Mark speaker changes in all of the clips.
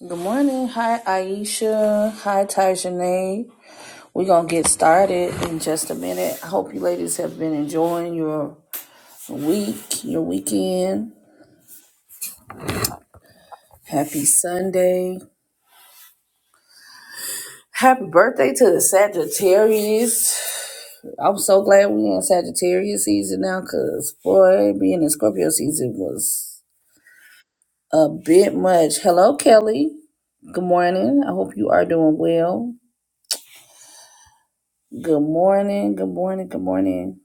Speaker 1: Good morning. Hi, Aisha. Hi, Tajanae. We're going to get started in just a minute. I hope you ladies have been enjoying your week, your weekend. Happy Sunday. Happy birthday to the Sagittarius. I'm so glad we're in Sagittarius season now because, boy, being in Scorpio season was a bit much. Hello, Kelly. Good morning. I hope you are doing well. Good morning. Good morning. Good morning.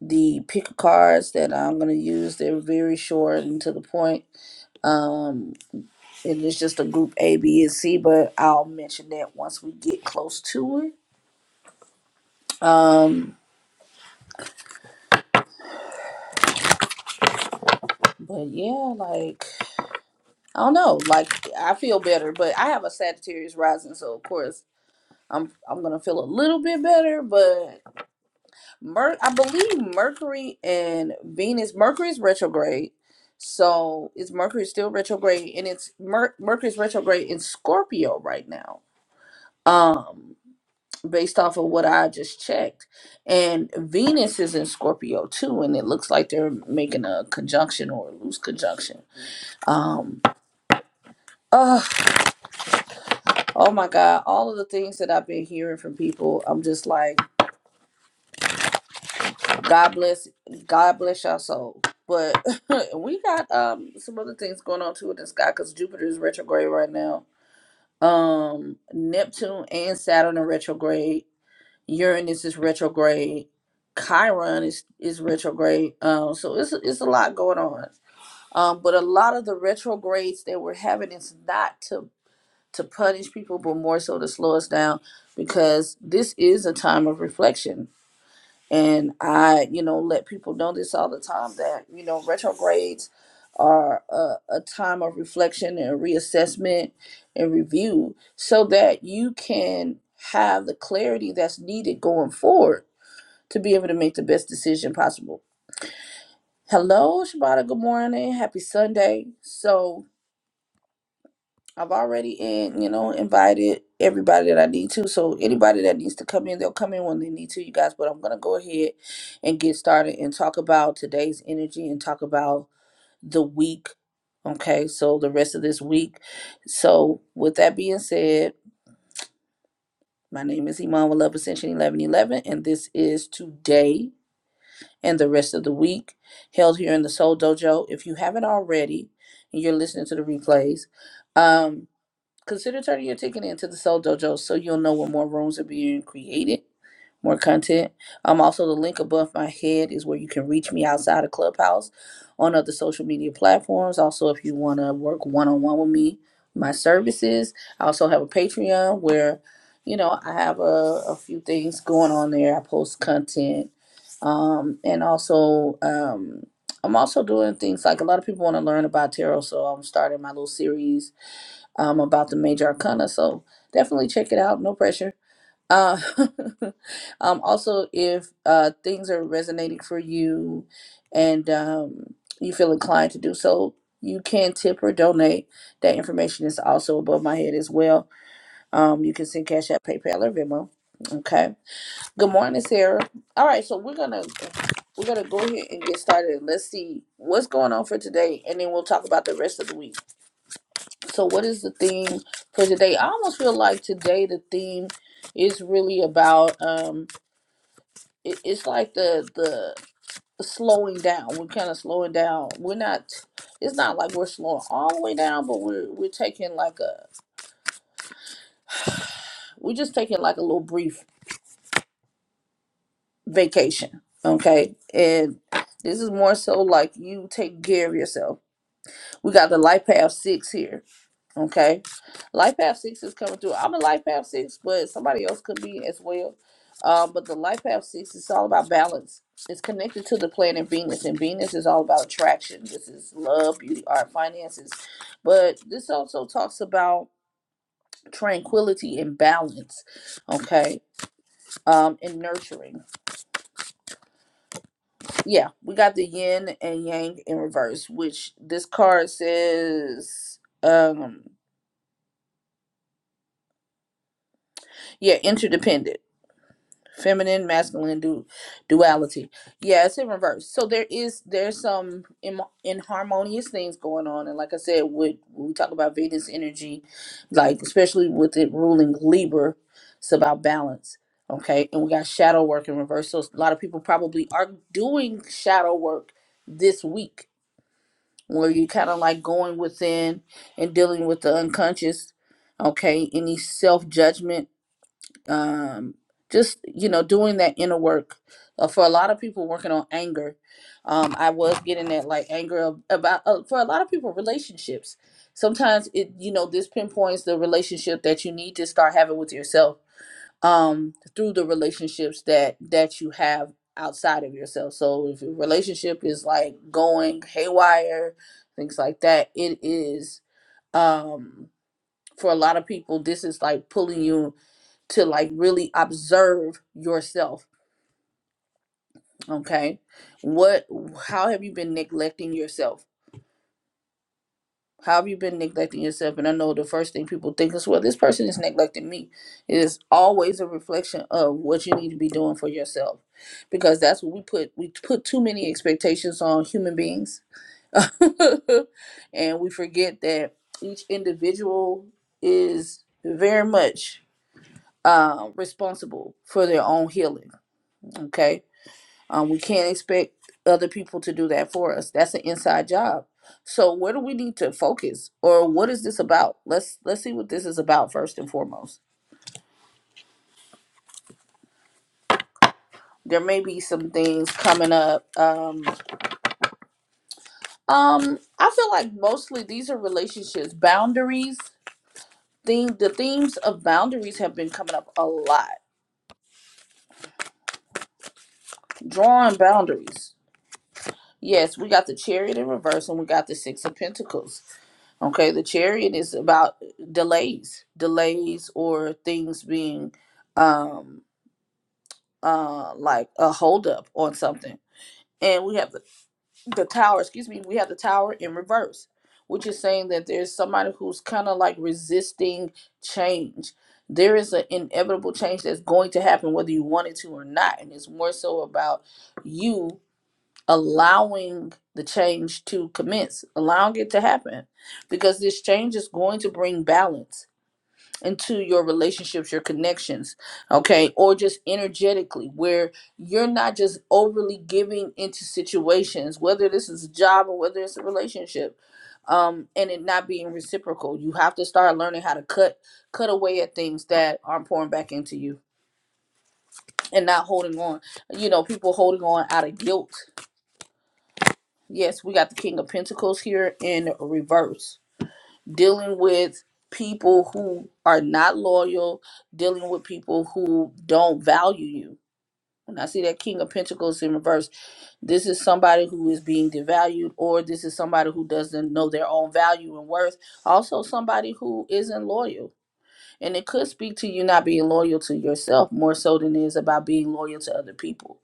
Speaker 1: the pick cards that I'm going to use. They're very short and to the point. Um, and it's just a group A, B, and C, but I'll mention that once we get close to it. Um, but yeah, like, I don't know. Like, I feel better, but I have a Sagittarius rising, so of course. I'm, I'm gonna feel a little bit better, but Mer- I believe Mercury and Venus. Mercury's retrograde, so is Mercury still retrograde? And it's Mer- Mercury's retrograde in Scorpio right now. um based off of what I just checked. And Venus is in Scorpio too, and it looks like they're making a conjunction or a loose conjunction. Um oh, oh my God, all of the things that I've been hearing from people, I'm just like, God bless God bless y'all soul. But we got um some other things going on too in the sky because Jupiter is retrograde right now. Um Neptune and Saturn are retrograde Uranus is retrograde. Chiron is is retrograde. Um, so it's it's a lot going on. Um, but a lot of the retrogrades that we're having is not to to punish people, but more so to slow us down because this is a time of reflection. And I, you know, let people know this all the time that you know retrogrades are a, a time of reflection and reassessment and review so that you can have the clarity that's needed going forward to be able to make the best decision possible. Hello, Shabata. Good morning. Happy Sunday. So I've already in, you know, invited everybody that I need to. So anybody that needs to come in, they'll come in when they need to, you guys. But I'm gonna go ahead and get started and talk about today's energy and talk about the week. Okay, so the rest of this week. So with that being said, my name is Iman with Love Ascension 1111, and this is today. and the rest of the week held here in the Soul Dojo. If you haven't already, and you're listening to the replays, um, Consider turning your ticket into the Soul Dojo so you'll know when more rooms are being created, more content. Um, also the link above my head is where you can reach me outside of Clubhouse on other social media platforms. Also, if you want to work one on one with me, my services. I also have a Patreon where, you know, I have a, a few things going on there. I post content, um, and also um. I'm also doing things like a lot of people want to learn about tarot, so I'm starting my little series um, about the major arcana. So definitely check it out. No pressure. Uh, um, also, if uh, things are resonating for you and um, you feel inclined to do so, you can tip or donate. That information is also above my head as well. Um, you can send cash at PayPal or Venmo. Okay. Good morning, Sarah. All right, so we're gonna we're gonna go ahead and get started. Let's see what's going on for today, and then we'll talk about the rest of the week. So, what is the theme for today? I almost feel like today the theme is really about um, it, it's like the the slowing down. We're kind of slowing down. We're not. It's not like we're slowing all the way down, but we're we're taking like a we're just taking like a little brief vacation. Okay, and this is more so like you take care of yourself. We got the life path six here Okay. Life Path 6 is coming through. I'm a Life Path 6, but somebody else could be as well. Um, but the Life Path 6 is all about balance. It's connected to the planet Venus, and Venus is all about attraction. This is love, beauty, art, finances. But this also talks about tranquility and balance, okay, um, and nurturing. Yeah, we got the yin and yang in reverse, which this card says, um, yeah, interdependent. feminine masculine du- duality yeah it's in reverse so there is there's some in- inharmonious things going on and like i said with when we talk about venus energy like especially with it ruling libra it's about balance okay and we got shadow work in reverse so a lot of people probably are doing shadow work this week where you kind of like going within and dealing with the unconscious okay any self-judgment um, just you know doing that inner work uh, for a lot of people working on anger um, i was getting that like anger of, about uh, for a lot of people relationships sometimes it you know this pinpoints the relationship that you need to start having with yourself um, through the relationships that that you have outside of yourself so if your relationship is like going haywire things like that it is um, for a lot of people this is like pulling you to like really observe yourself okay what how have you been neglecting yourself how have you been neglecting yourself and i know the first thing people think is well this person is neglecting me it is always a reflection of what you need to be doing for yourself because that's what we put we put too many expectations on human beings and we forget that each individual is very much uh, responsible for their own healing okay Um, we can't expect other people to do that for us. That's an inside job. So where do we need to focus, or what is this about? Let's let's see what this is about first and foremost. There may be some things coming up. Um, um, I feel like mostly these are relationships, boundaries. Theme, the themes of boundaries have been coming up a lot. Drawing boundaries. Yes, we got the chariot in reverse and we got the six of pentacles Okay, the chariot is about delays, delays or things being um uh like a holdup on something. And we have the, the tower, excuse me, we have the tower in reverse, which is saying that there's somebody who's kind of like resisting change. There is an inevitable change that's going to happen whether you want it to or not. And it's more so about you allowing the change to commence, allowing it to happen, because this change is going to bring balance into your relationships, your connections, okay, or just energetically, where you're not just overly giving into situations, whether this is a job or whether it's a relationship, um, and it not being reciprocal. You have to start learning how to cut cut away at things that aren't pouring back into you and not holding on. You know, people holding on out of guilt Yes, we got the King of Pentacles here in reverse, dealing with people who are not loyal, dealing with people who don't value you. When I see that King of Pentacles in reverse, this is somebody who is being devalued, or this is somebody who doesn't know their own value and worth. Also, somebody who isn't loyal and it could speak to you not being loyal to yourself more so than it is about being loyal to other people.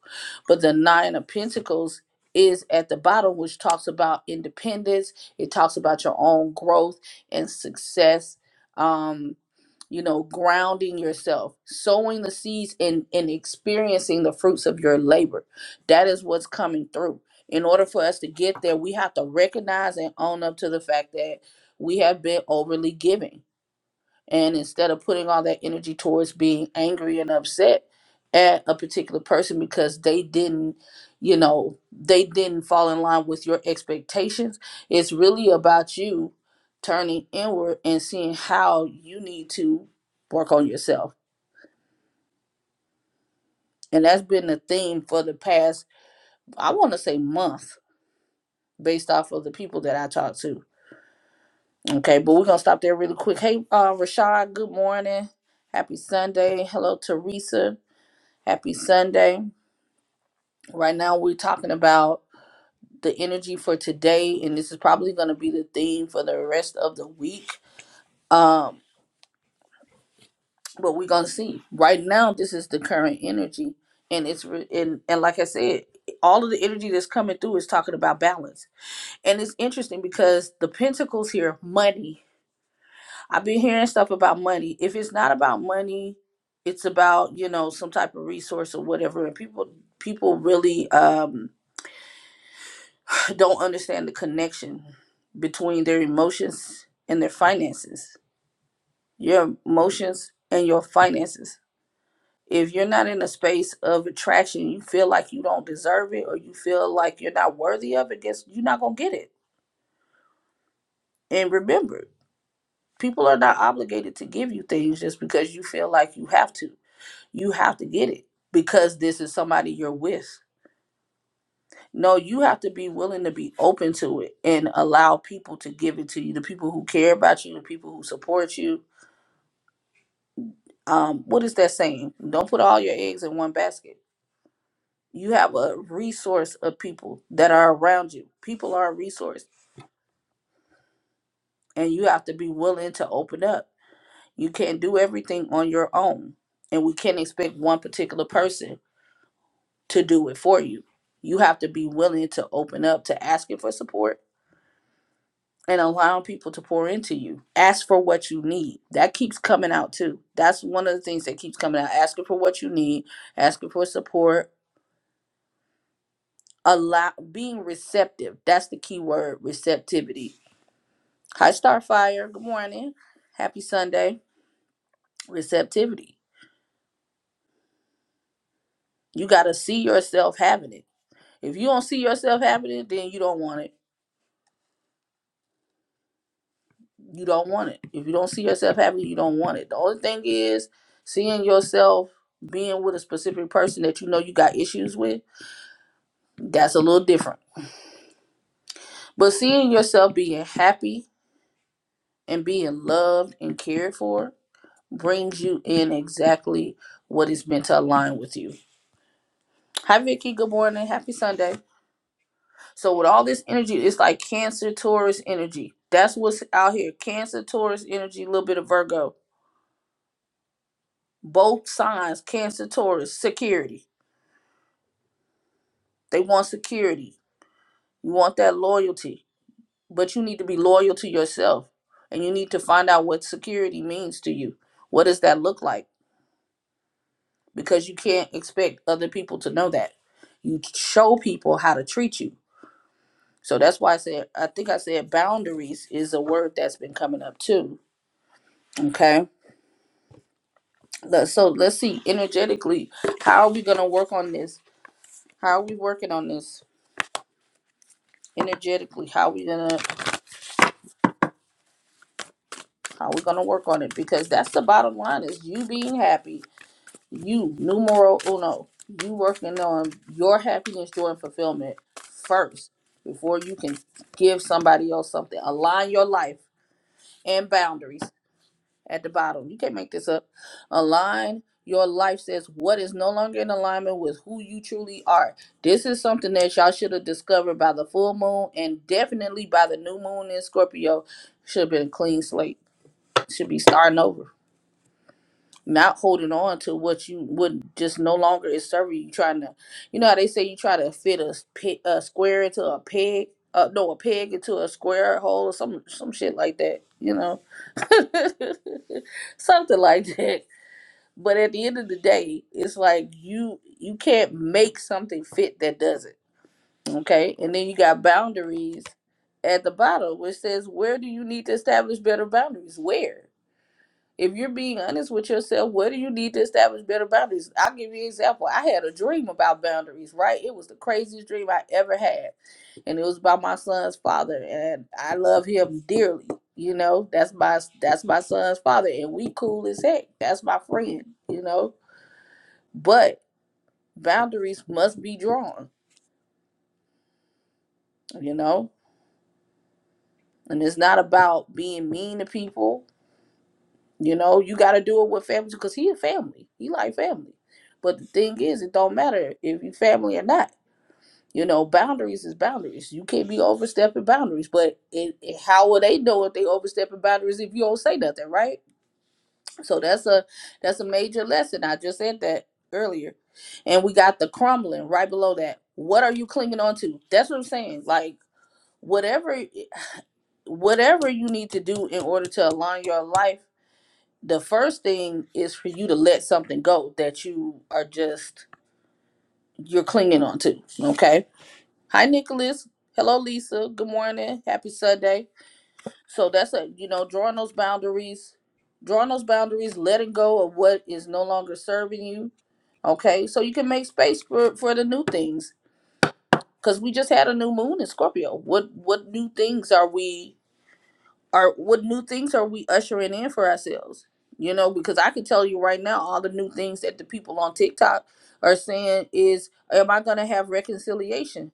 Speaker 1: But the Nine of Pentacles is at the bottom, which talks about independence. It talks about your own growth and success. Um, you know, grounding yourself, sowing the seeds and, and experiencing the fruits of your labor. That is what's coming through. In order for us to get there, we have to recognize and own up to the fact that we have been overly giving and instead of putting all that energy towards being angry and upset at a particular person because they didn't, you know, they didn't fall in line with your expectations, it's really about you turning inward and seeing how you need to work on yourself. And that's been the theme for the past, I want to say, month based off of the people that I talk to. Okay, but we're gonna stop there really quick. Hey, uh, Rashad, good morning. Happy Sunday. Hello, Teresa. Happy Sunday. Right now, we're talking about the energy for today, and this is probably going to be the theme for the rest of the week. Um, but we're going to see. Right now, this is the current energy, and it's re- and and like I said, all of the energy that's coming through is talking about balance, and it's interesting because the pentacles here, money. I've been hearing stuff about money. If it's not about money, it's about you know some type of resource or whatever, and people people really um don't understand the connection between their emotions and their finances. Your emotions and your finances. If you're not in a space of attraction, you feel like you don't deserve it or you feel like you're not worthy of it, guess you're not going to get it. And remember, people are not obligated to give you things just because you feel like you have to. You have to get it because this is somebody you're with. No, you have to be willing to be open to it and allow people to give it to you. The people who care about you, the people who support you. Um, what is that saying? Don't put all your eggs in one basket. You have a resource of people that are around you. People are a resource, and you have to be willing to open up. You can't do everything on your own, and we can't expect one particular person to do it for you. You have to be willing to open up to asking for support and allowing people to pour into you. Ask for what you need. That keeps coming out too. That's one of the things that keeps coming out. Asking for what you need, asking for support, allow being receptive. That's the key word, receptivity. Hi Starfire, good morning. Happy Sunday. Receptivity. You gotta see yourself having it. If you don't see yourself having it, then you don't want it You don't want it. If you don't see yourself happy, you don't want it. The only thing is seeing yourself being with a specific person that you know you got issues with, that's a little different. But seeing yourself being happy and being loved and cared for brings you in exactly what is meant to align with you. Hi Vicky, good morning. Happy Sunday. So with all this energy, it's like Cancer Taurus energy. That's what's out here. Cancer Taurus energy, a little bit of Virgo. Both signs, Cancer Taurus, security They want security. You want that loyalty. But you need to be loyal to yourself. And you need to find out what security means to you. What does that look like? Because you can't expect other people to know that. You show people how to treat you. So that's why I said, I think I said boundaries is a word that's been coming up too. Okay. So let's see energetically, how are we going to work on this? How are we working on this energetically? How are we going to Uh, we're gonna work on it because that's the bottom line: is you being happy, you numero uno, you working on your happiness, joy, and fulfillment first before you can give somebody else something. Align your life and boundaries at the bottom. You can't make this up. Align your life says what is no longer in alignment with who you truly are. This is something that y'all should have discovered by the full moon and definitely by the new moon in Scorpio. Should have been a clean slate. Should be starting over not holding on to what you would just no longer is serving you trying to you know how they say you try to fit a, s- pe- a square into a peg uh, no a peg into a square hole or some some shit like that you know something like that but at the end of the day it's like you you can't make something fit that doesn't okay and then you got boundaries at the bottom which says where do you need to establish better boundaries where if you're being honest with yourself, what do you need to establish better boundaries? I'll give you an example. I had a dream about boundaries, right? It was the craziest dream I ever had. And it was about my son's father. And I love him dearly. You know, that's my that's my son's father. And we cool as heck. That's my friend, you know. But boundaries must be drawn, you know? And it's not about being mean to people. You know, you got to do it with family because he a family. He like family. But the thing is, it don't matter if you family or not. You know, boundaries is boundaries. You can't be overstepping boundaries. But it, it, how will they know if they overstepping boundaries if you don't say nothing, right? So that's a that's a major lesson. I just said that earlier, and we got the crumbling right below that. What are you clinging on to? That's what I'm saying. Like whatever whatever you need to do in order to align your life the first thing is for you to let something go that you are just you're clinging on to okay hi nicholas hello lisa good morning happy sunday so that's a you know drawing those boundaries drawing those boundaries letting go of what is no longer serving you okay so you can make space for for the new things because we just had a new moon in scorpio what what new things are we Or what new things are we ushering in for ourselves? You know, because I can tell you right now, all the new things that the people on TikTok are saying is, am I going to have reconciliation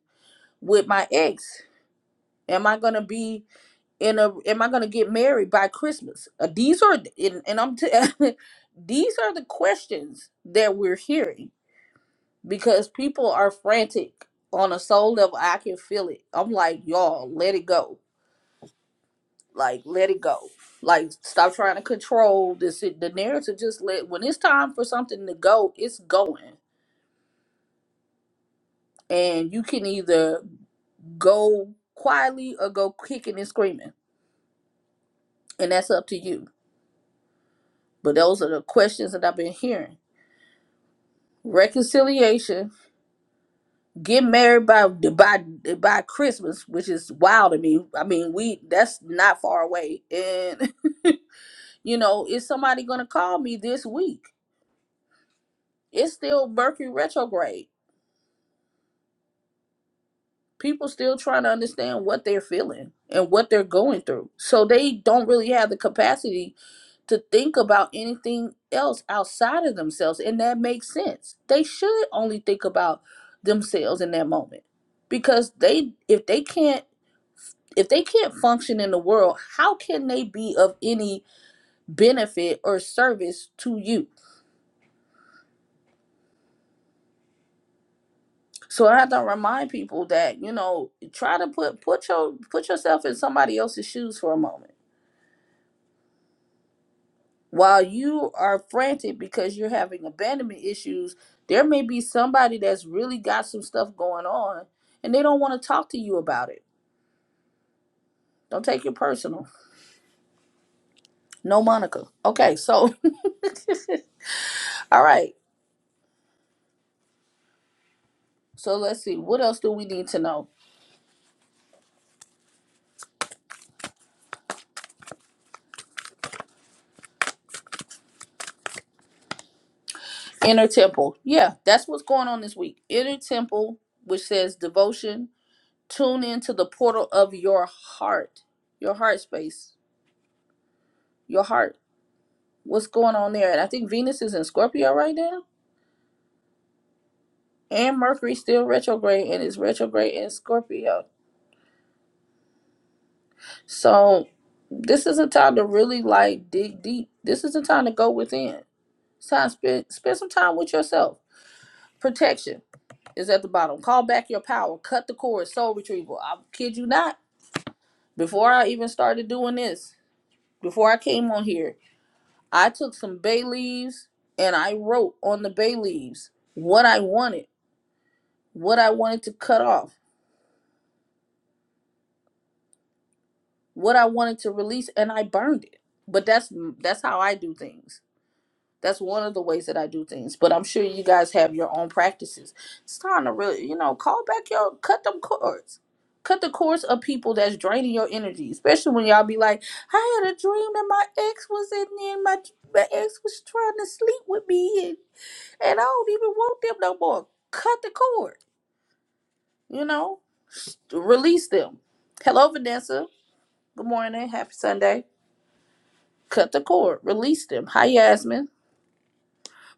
Speaker 1: with my ex? Am I going to be in a, am I going to get married by Christmas? Uh, these are, and, and I'm, t- these are the questions that we're hearing because people are frantic on a soul level. I can feel it. I'm like, y'all, let it go Like, let it go. Like, stop trying to control this. The narrative just let, when it's time for something to go, it's going. And you can either go quietly or go kicking and screaming. And that's up to you. But those are the questions that I've been hearing. Reconciliation, get married by by by Christmas, which is wild to me. I mean, we that's not far away, and you know, is somebody gonna call me this week? It's still Mercury retrograde people still trying to understand what they're feeling and what they're going through. So they don't really have the capacity to think about anything else outside of themselves. And that makes sense. They should only think about themselves in that moment. Because they if they can't if they can't function in the world, how can they be of any benefit or service to you? So I have to remind people that, you know, try to put put your put yourself in somebody else's shoes for a moment while you are frantic because you're having abandonment issues, there may be somebody that's really got some stuff going on and they don't want to talk to you about it. Don't take it personal. No, Monica. Okay, so, all right. So let's see. What else do we need to know? Inner temple. Yeah, that's what's going on this week. Inner temple, which says devotion, tune into the portal of your heart, your heart space, your heart. What's going on there? And I think Venus is in Scorpio right now. and Mercury still retrograde and it's retrograde in Scorpio. So this is a time to really like dig deep. This is a time to go within. It's time to spend spend some time with yourself. Protection is at the bottom. Call back your power. Cut the cord. Soul retrieval. I kid you not. Before I even started doing this, before I came on here, I took some bay leaves and I wrote on the bay leaves what I wanted, what I wanted to cut off what I wanted to release and I burned it. But that's that's how I do things. That's one of the ways that I do things. But I'm sure you guys have your own practices. It's time to really, you know, call back your cut them cords. Cut the cords of people that's draining your energy, especially when y'all be like, I had a dream that my ex was in there, and my, my ex was trying to sleep with me, and, and I don't even want them no more. Cut the cord, you know, release them. Hello, Vanessa. Good morning. Happy Sunday. cut the cord, release them. Hi, Yasmin.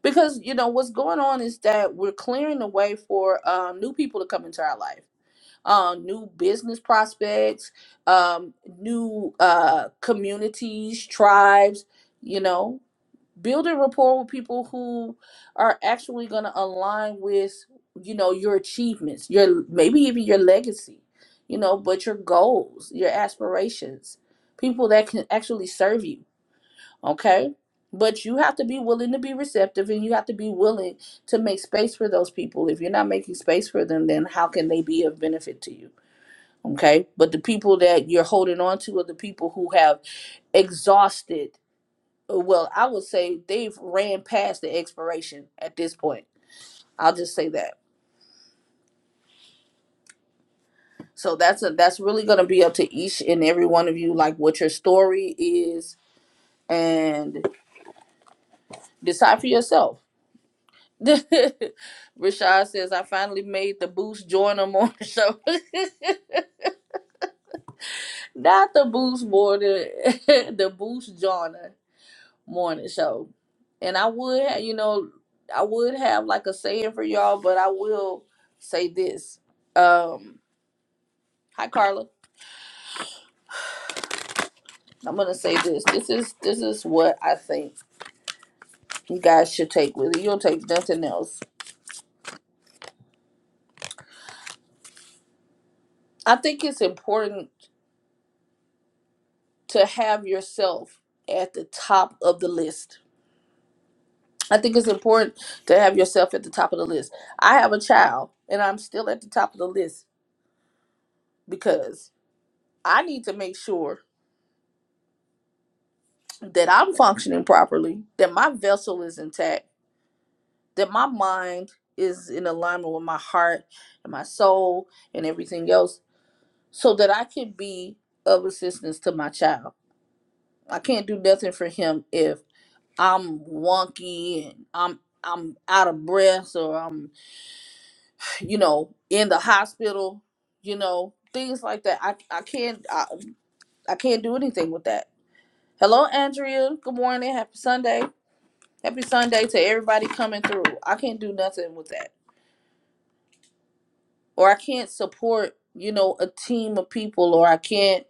Speaker 1: Because you know what's going on is that we're clearing the way for um, new people to come into our life, uh, new business prospects, um, new uh, communities, tribes. You know, building rapport with people who are actually going to align with you know your achievements, your maybe even your legacy. You know, but your goals, your aspirations, people that can actually serve you okay but you have to be willing to be receptive and you have to be willing to make space for those people if you're not making space for them then how can they be of benefit to you okay but the people that you're holding on to are the people who have exhausted well i would say they've ran past the expiration at this point i'll just say that so that's a, that's really going to be up to each and every one of you like what your story is and decide for yourself Rashad says, I finally made the Boost Joiner morning show. Not the Boost morning, the Boost Joiner morning show. And I would, ha- you know, I would have like a saying for y'all, but I will say this. Um, hi Carla. I'm gonna say this. This is this is what I think you guys should take with you. You'll take nothing else. I think it's important to have yourself at the top of the list I think it's important to have yourself at the top of the list. I have a child and I'm still at the top of the list because I need to make sure that I'm functioning properly, that my vessel is intact, that my mind is in alignment with my heart and my soul and everything else so that I can be of assistance to my child. I can't do nothing for him if I'm wonky and I'm I'm out of breath or I'm you know, in the hospital, you know, things like that. I I can't I, I can't do anything with that. Hello, Andrea. Good morning. Happy Sunday. Happy Sunday to everybody coming through. I can't do nothing with that, or I can't support you know a team of people, or I can't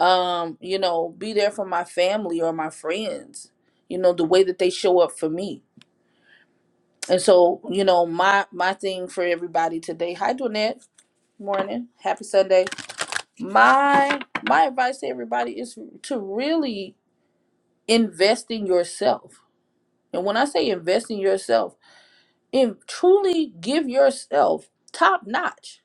Speaker 1: um you know be there for my family or my friends. You know the way that they show up for me. And so, you know, my my thing for everybody today. Hi, Donette. Morning. Happy Sunday my my advice to everybody is to really invest in yourself and when i say invest in yourself and truly give yourself top notch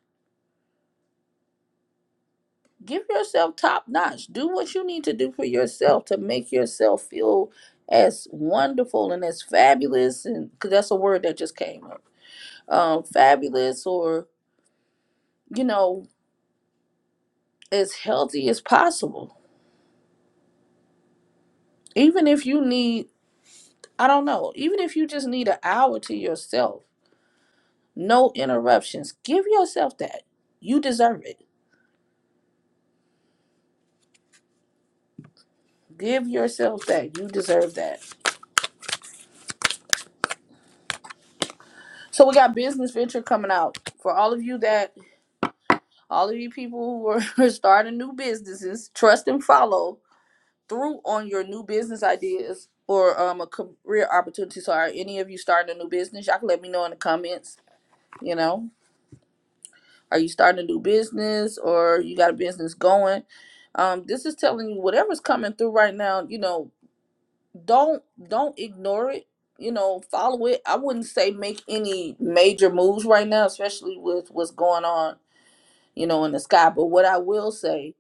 Speaker 1: give yourself top notch do what you need to do for yourself to make yourself feel as wonderful and as fabulous and because that's a word that just came up um fabulous or you know as healthy as possible even if you need i don't know even if you just need an hour to yourself No interruptions. Give yourself that. You deserve it. Give yourself that. You deserve that. So we got business venture coming out for all of you that all of you people who are starting new businesses. Trust and follow through on your new business ideas or um a career opportunity. So are any of you starting a new business? Y'all can let me know in the comments. You know, are you starting a new business or you got a business going? Um, this is telling you whatever's coming through right now. You know, don't don't ignore it you know follow it i wouldn't say make any major moves right now especially with what's going on you know in the sky but what i will say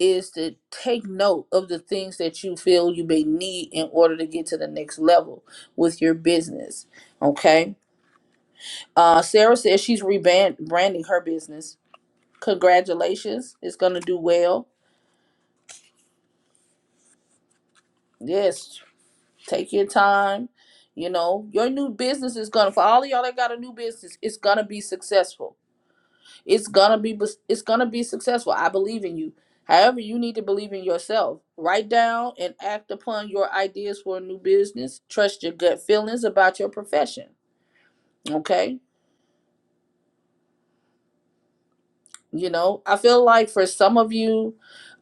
Speaker 1: is to take note of the things that you feel you may need in order to get to the next level with your business okay uh sarah says she's rebrand branding her business congratulations it's gonna do well yes Take your time. You know, your new business is gonna for all of y'all that got a new business, it's gonna be successful. It's gonna be it's gonna be successful. I believe in you. However, you need to believe in yourself. Write down and act upon your ideas for a new business. Trust your gut feelings about your profession. Okay? You know, I feel like for some of you,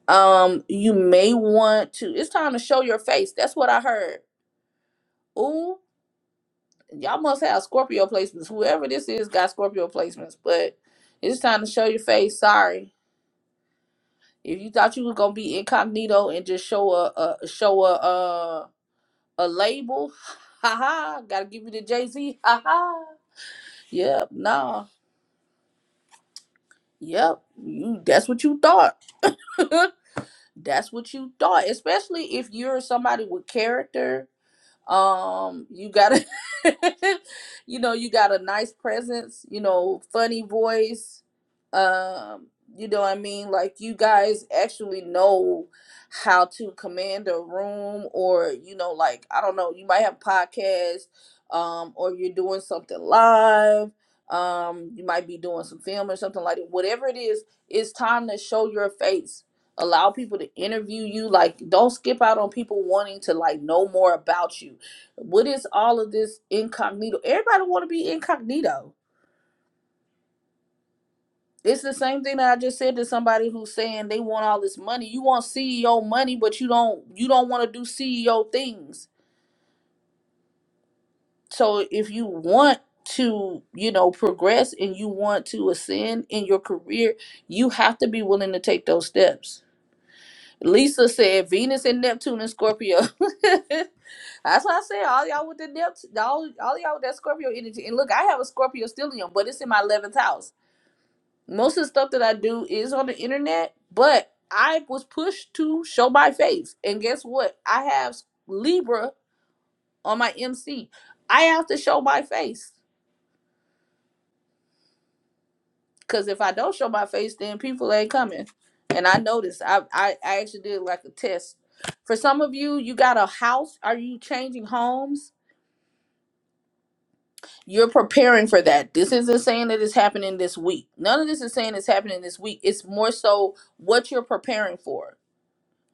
Speaker 1: um, you may want to it's time to show your face. That's what I heard. Ooh. y'all must have Scorpio placements. Whoever this is got Scorpio placements, but it's time to show your face. Sorry, if you thought you was gonna be incognito and just show a, a show a, a a label, haha, gotta give you the Jay Z, haha. Yep, nah, yep. You, that's what you thought. that's what you thought, especially if you're somebody with character um you got a you know you got a nice presence you know funny voice um you know what i mean like you guys actually know how to command a room or you know like i don't know you might have podcasts um or you're doing something live um you might be doing some film or something like that whatever it is it's time to show your face allow people to interview you like don't skip out on people wanting to like know more about you what is all of this incognito? Everybody want to be incognito. It's the same thing that I just said to somebody who's saying they want all this money. You want CEO money, but you don't you don't want to do CEO things. So if you want to, you know, progress and you want to ascend in your career, you have to be willing to take those steps Lisa said Venus and Neptune and Scorpio. That's what I said. All y'all with the Neptune, all, all y'all with that Scorpio energy. And look, I have a Scorpio stellium, but it's in my 11th house. Most of the stuff that I do is on the internet, but I was pushed to show my face. And guess what? I have Libra on my MC. I have to show my face. Cause if I don't show my face, then people ain't coming. And I noticed I, I I actually did like a test. For some of you, you got a house. Are you changing homes? You're preparing for that. This isn't saying that it's happening this week. None of this is saying it's happening this week. It's more so what you're preparing for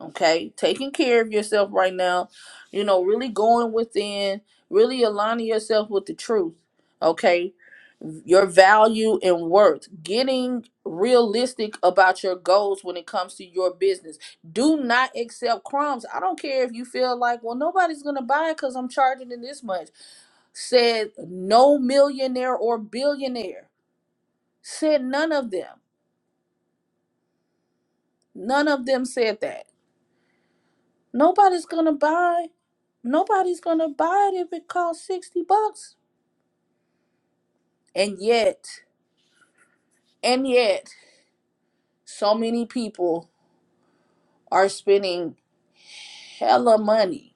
Speaker 1: okay taking care of yourself right now you know really going within really aligning yourself with the truth okay your value and worth getting realistic about your goals when it comes to your business do not accept crumbs i don't care if you feel like well nobody's gonna buy it because i'm charging it this much said no millionaire or billionaire said none of them none of them said that Nobody's gonna buy. Nobody's gonna buy it if it costs sixty bucks. And yet, and yet, so many people are spending hella money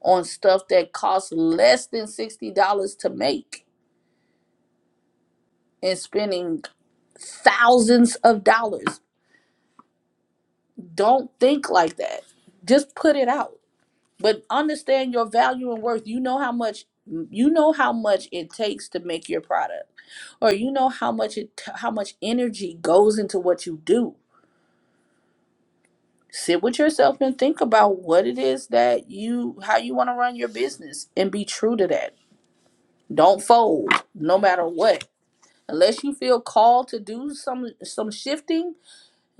Speaker 1: on stuff that costs less than sixty dollars to make, and spending thousands of dollars. Don't think like that. Just put it out. But understand your value and worth. You know how much. You know how much it takes to make your product or you know how much it how much energy goes into what you do sit with yourself and think about what it is that you how you want to run your business and be true to that don't fold no matter what unless you feel called to do some some shifting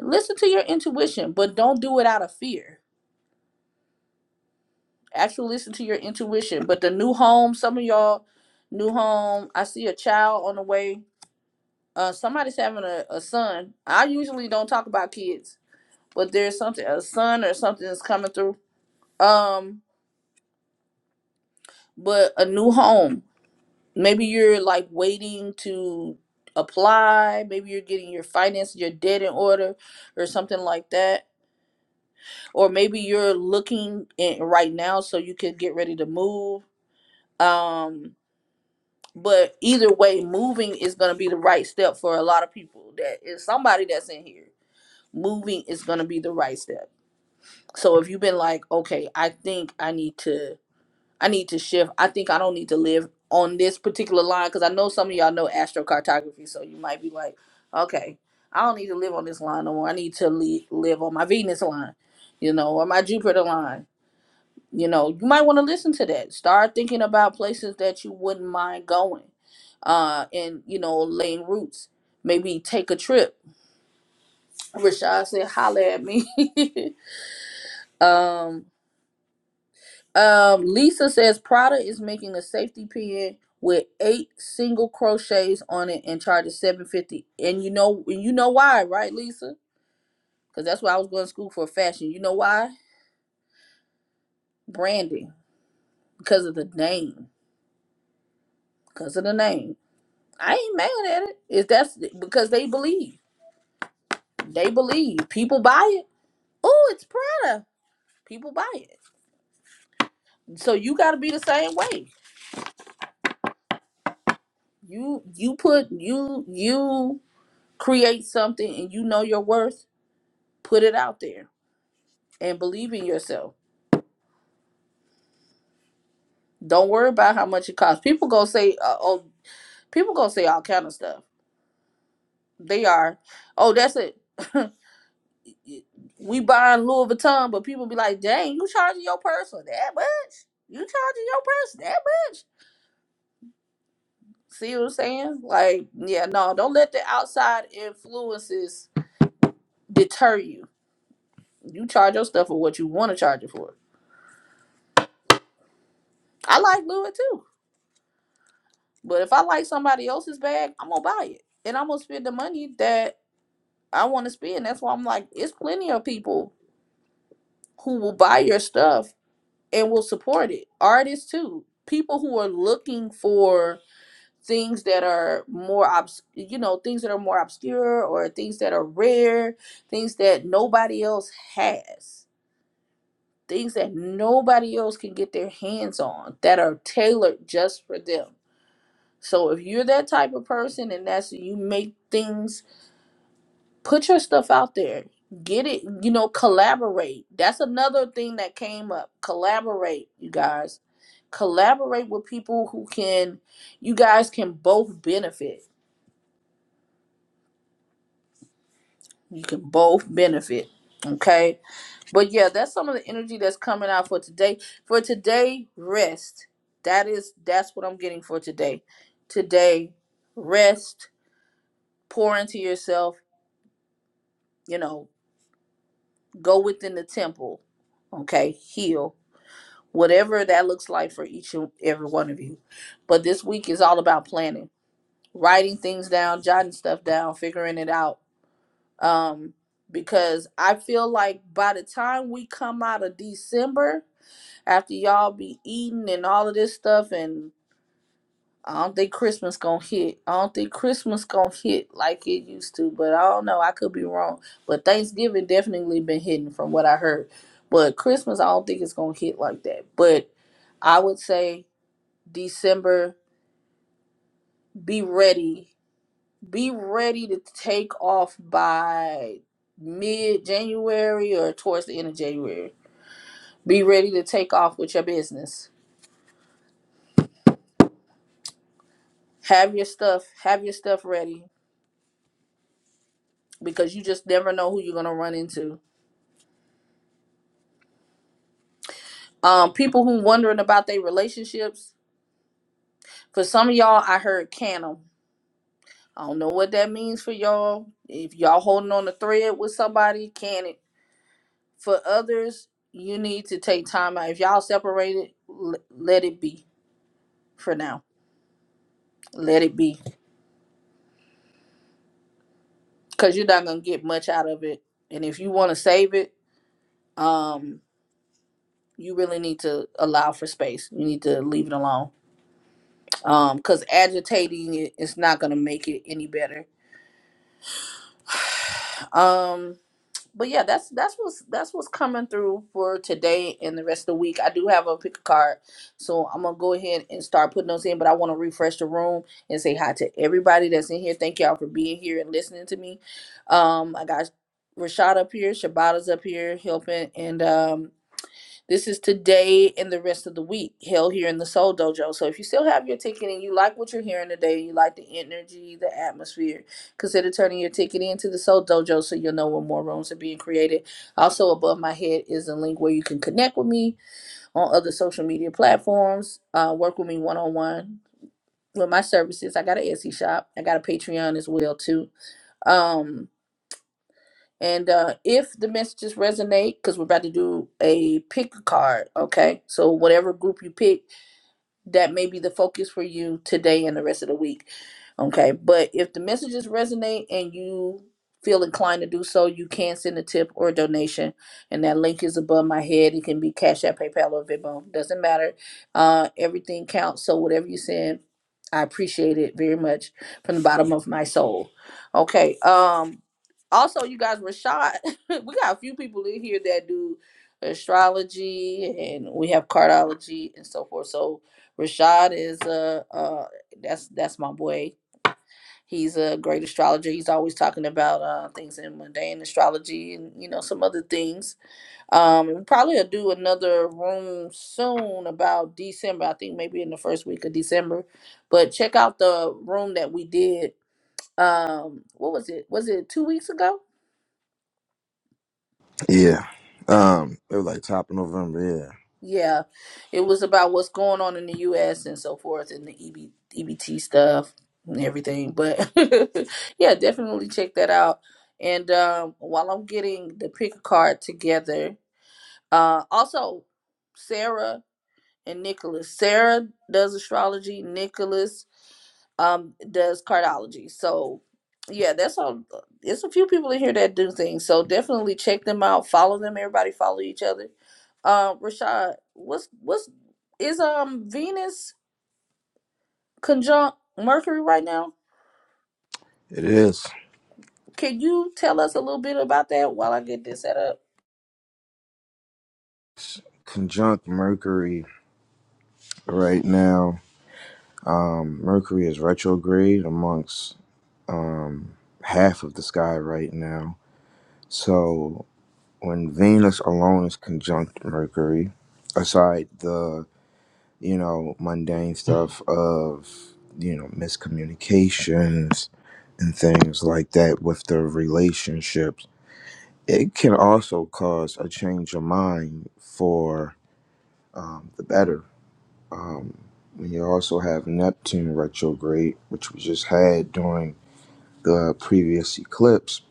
Speaker 1: listen to your intuition but don't do it out of fear actually listen to your intuition but the new home some of y'all new home i see a child on the way uh somebody's having a, a son i usually don't talk about kids but there's something a sun or something is coming through um but a new home maybe you're like waiting to apply maybe you're getting your finances your debt in order or something like that or maybe you're looking in right now so you can get ready to move um but either way moving is going to be the right step for a lot of people that is somebody that's in here moving is going to be the right step so if you've been like okay i think i need to I need to shift. I think I don't need to live on this particular line because I know some of y'all know astrocartography, so you might be like, okay, I don't need to live on this line no more. I need to li- live on my Venus line, you know, or my Jupiter line. You know, you might want to listen to that. Start thinking about places that you wouldn't mind going, uh, and you know, laying roots. Maybe take a trip. Rashad said, "Holla at me." um, Um, Lisa says Prada is making a safety pin with eight single crochets on it and charges seven fifty. And you know, and you know why, right, Lisa? Because that's why I was going to school for fashion. You know why? Branding because of the name. Because of the name, I ain't mad at it. Is that's because they believe? They believe people buy it. Oh, it's Prada. People buy it. So you got to be the same way. You you put you you create something and you know your worth put it out there and believe in yourself. Don't worry about how much it costs. People go say, uh, "Oh, people go say all kind of stuff." They are, "Oh, that's it." we buying Louis Vuitton, but people be like, "Dang, you charging your person that much? You charging your person that much?" See what I'm saying? Like, yeah, no, don't let the outside influences deter you. You charge your stuff for what you want to charge it for. I like Louis too, but if I like somebody else's bag, I'm gonna buy it and I'm gonna spend the money that I want to spend. That's why I'm like, it's plenty of people who will buy your stuff and will support it. Artists too. People who are looking for things that are more obs- you know, things that are more obscure or things that are rare, things that nobody else has. Things that nobody else can get their hands on that are tailored just for them. So if you're that type of person and that's you make things put your stuff out there get it you know collaborate that's another thing that came up collaborate you guys collaborate with people who can you guys can both benefit you can both benefit okay but yeah that's some of the energy that's coming out for today for today rest that is that's what i'm getting for today today rest pour into yourself you know go within the temple okay heal whatever that looks like for each and every one of you. But this week is all about planning, writing things down, jotting stuff down, figuring it out. Um, because I feel like by the time we come out of December, after y'all be eating and all of this stuff, and I don't think Christmas gonna hit. I don't think Christmas gonna hit like it used to, but I don't know. I could be wrong. But Thanksgiving definitely been hitting from what I heard. But Christmas, I don't think it's gonna hit like that. But I would say December. Be ready. Be ready to take off by mid January or towards the end of January. Be ready to take off with your business. Have your stuff, have your stuff ready because you just never know who you're going to run into. Um people who wondering about their relationships, for some of y'all I heard can 'em. I don't know what that means for y'all. If y'all holding on the thread with somebody, can it For others, you need to take time out. If y'all separated, l- let it be for now. Let it be because you're not gonna get much out of it. And if you want to save it, um, you really need to allow for space. You need to leave it alone. Um, because agitating it is not gonna make it any better. Um, but yeah, that's that's what's that's what's coming through for today and the rest of the week. I do have a pick a card, so I'm gonna go ahead and start putting those in. But I want to refresh the room and say hi to everybody that's in here. Thank y'all for being here and listening to me. Um, I got Rashad up here, Shabata's up here helping, and um, this is today and the rest of the week held here in the Soul Dojo. So if you still have your ticket and you like what you're hearing today, you like the energy, the atmosphere, consider turning your ticket into the Soul Dojo so you'll know when more rooms are being created. Also, above my head is a link where you can connect with me on other social media platforms, uh, work with me one on one with my services. I got an Etsy shop, I got a Patreon as well too. Um, and uh, if the messages resonate, because we're about to do a pick a card, okay? So whatever group you pick, that may be the focus for you today and the rest of the week. Okay. But if the messages resonate and you feel inclined to do so, you can send a tip or a donation. And that link is above my head. It can be Cash App, PayPal, or Venmo. Doesn't matter. Uh, everything counts. So whatever you send, I appreciate it very much from the bottom of my soul. Okay. Um, also, you guys, Rashad, we got a few people in here that do astrology and we have cardiology and so forth. So, Rashad is a uh, uh, that's that's my boy. He's a great astrologer. He's always talking about uh, things in mundane astrology and you know some other things. Um, and we probably will do another room soon about December. I think maybe in the first week of December. But check out the room that we did. Um, what was it? Was it two weeks ago?
Speaker 2: Yeah. Um, it was like top of November,
Speaker 1: Yeah, it was about what's going on in the U.S. and so forth, and the EB, EBT stuff and everything. But yeah, definitely check that out. And um, while I'm getting the pick a card together, uh, also Sarah and Nicholas. Sarah does astrology. Nicholas um does cardiology so yeah that's all uh, it's a few people in here that do things so definitely check them out follow them everybody follow each other uh, rashad what's what's is um venus conjunct mercury right now
Speaker 2: yeah. It is.
Speaker 1: can you tell us a little bit about that while i get this set up
Speaker 2: Conjunct Mercury right now. Um, Mercury is retrograde amongst um half of the sky right now. So when Venus alone is conjunct Mercury, aside the, you know, mundane stuff of, you know, miscommunications and things like that with the relationships it can also cause a change of mind for um, the better. Um, when you also have Neptune retrograde, which we just had during the previous eclipse,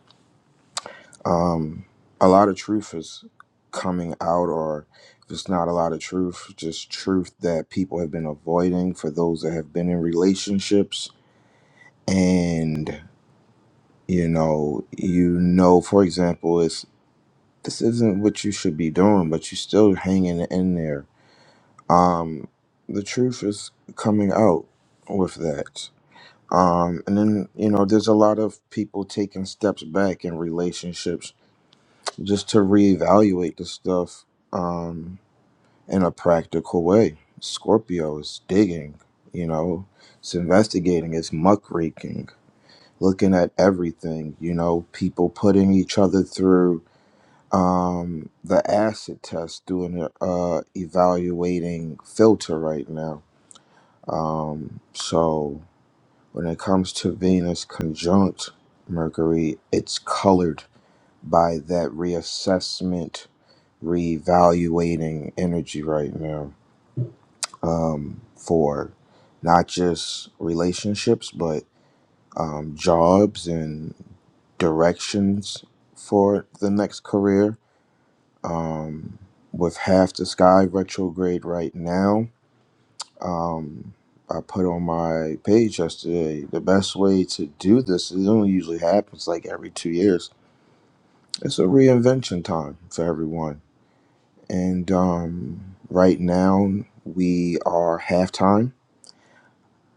Speaker 2: um, a lot of truth is coming out, or if it's not a lot of truth, just truth that people have been avoiding for those that have been in relationships. And, you know, you know, for example, it's. this isn't what you should be doing, but you're still hanging in there. Um, the truth is coming out with that. Um, and then, you know, there's a lot of people taking steps back in relationships just to reevaluate the stuff um, in a practical way. Scorpio is digging, you know, it's investigating, it's muckraking, looking at everything, you know, people putting each other through um, the acid test doing a uh, evaluating filter right now. Um, so when it comes to Venus conjunct Mercury, it's colored by that reassessment, reevaluating energy right now um, for not just relationships, but um, jobs and directions for the next career um, with half the sky retrograde right now. Um, I put on my page yesterday the best way to do this, it only usually happens like every two years. It's a reinvention time for everyone. And um, right now, we are halftime,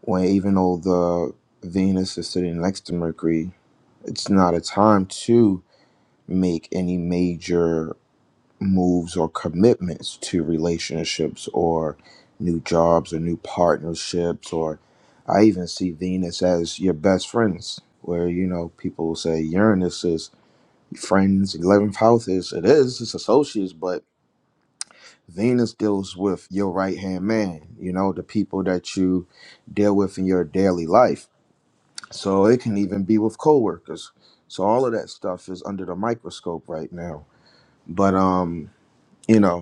Speaker 2: when even though the Venus is sitting next to Mercury, it's not a time to make any major moves or commitments to relationships or new jobs or new partnerships or I even see Venus as your best friends where you know people will say Uranus is friends 11th house is it is it's associates but Venus deals with your right hand man you know the people that you deal with in your daily life so it can even be with coworkers so all of that stuff is under the microscope right now but um you know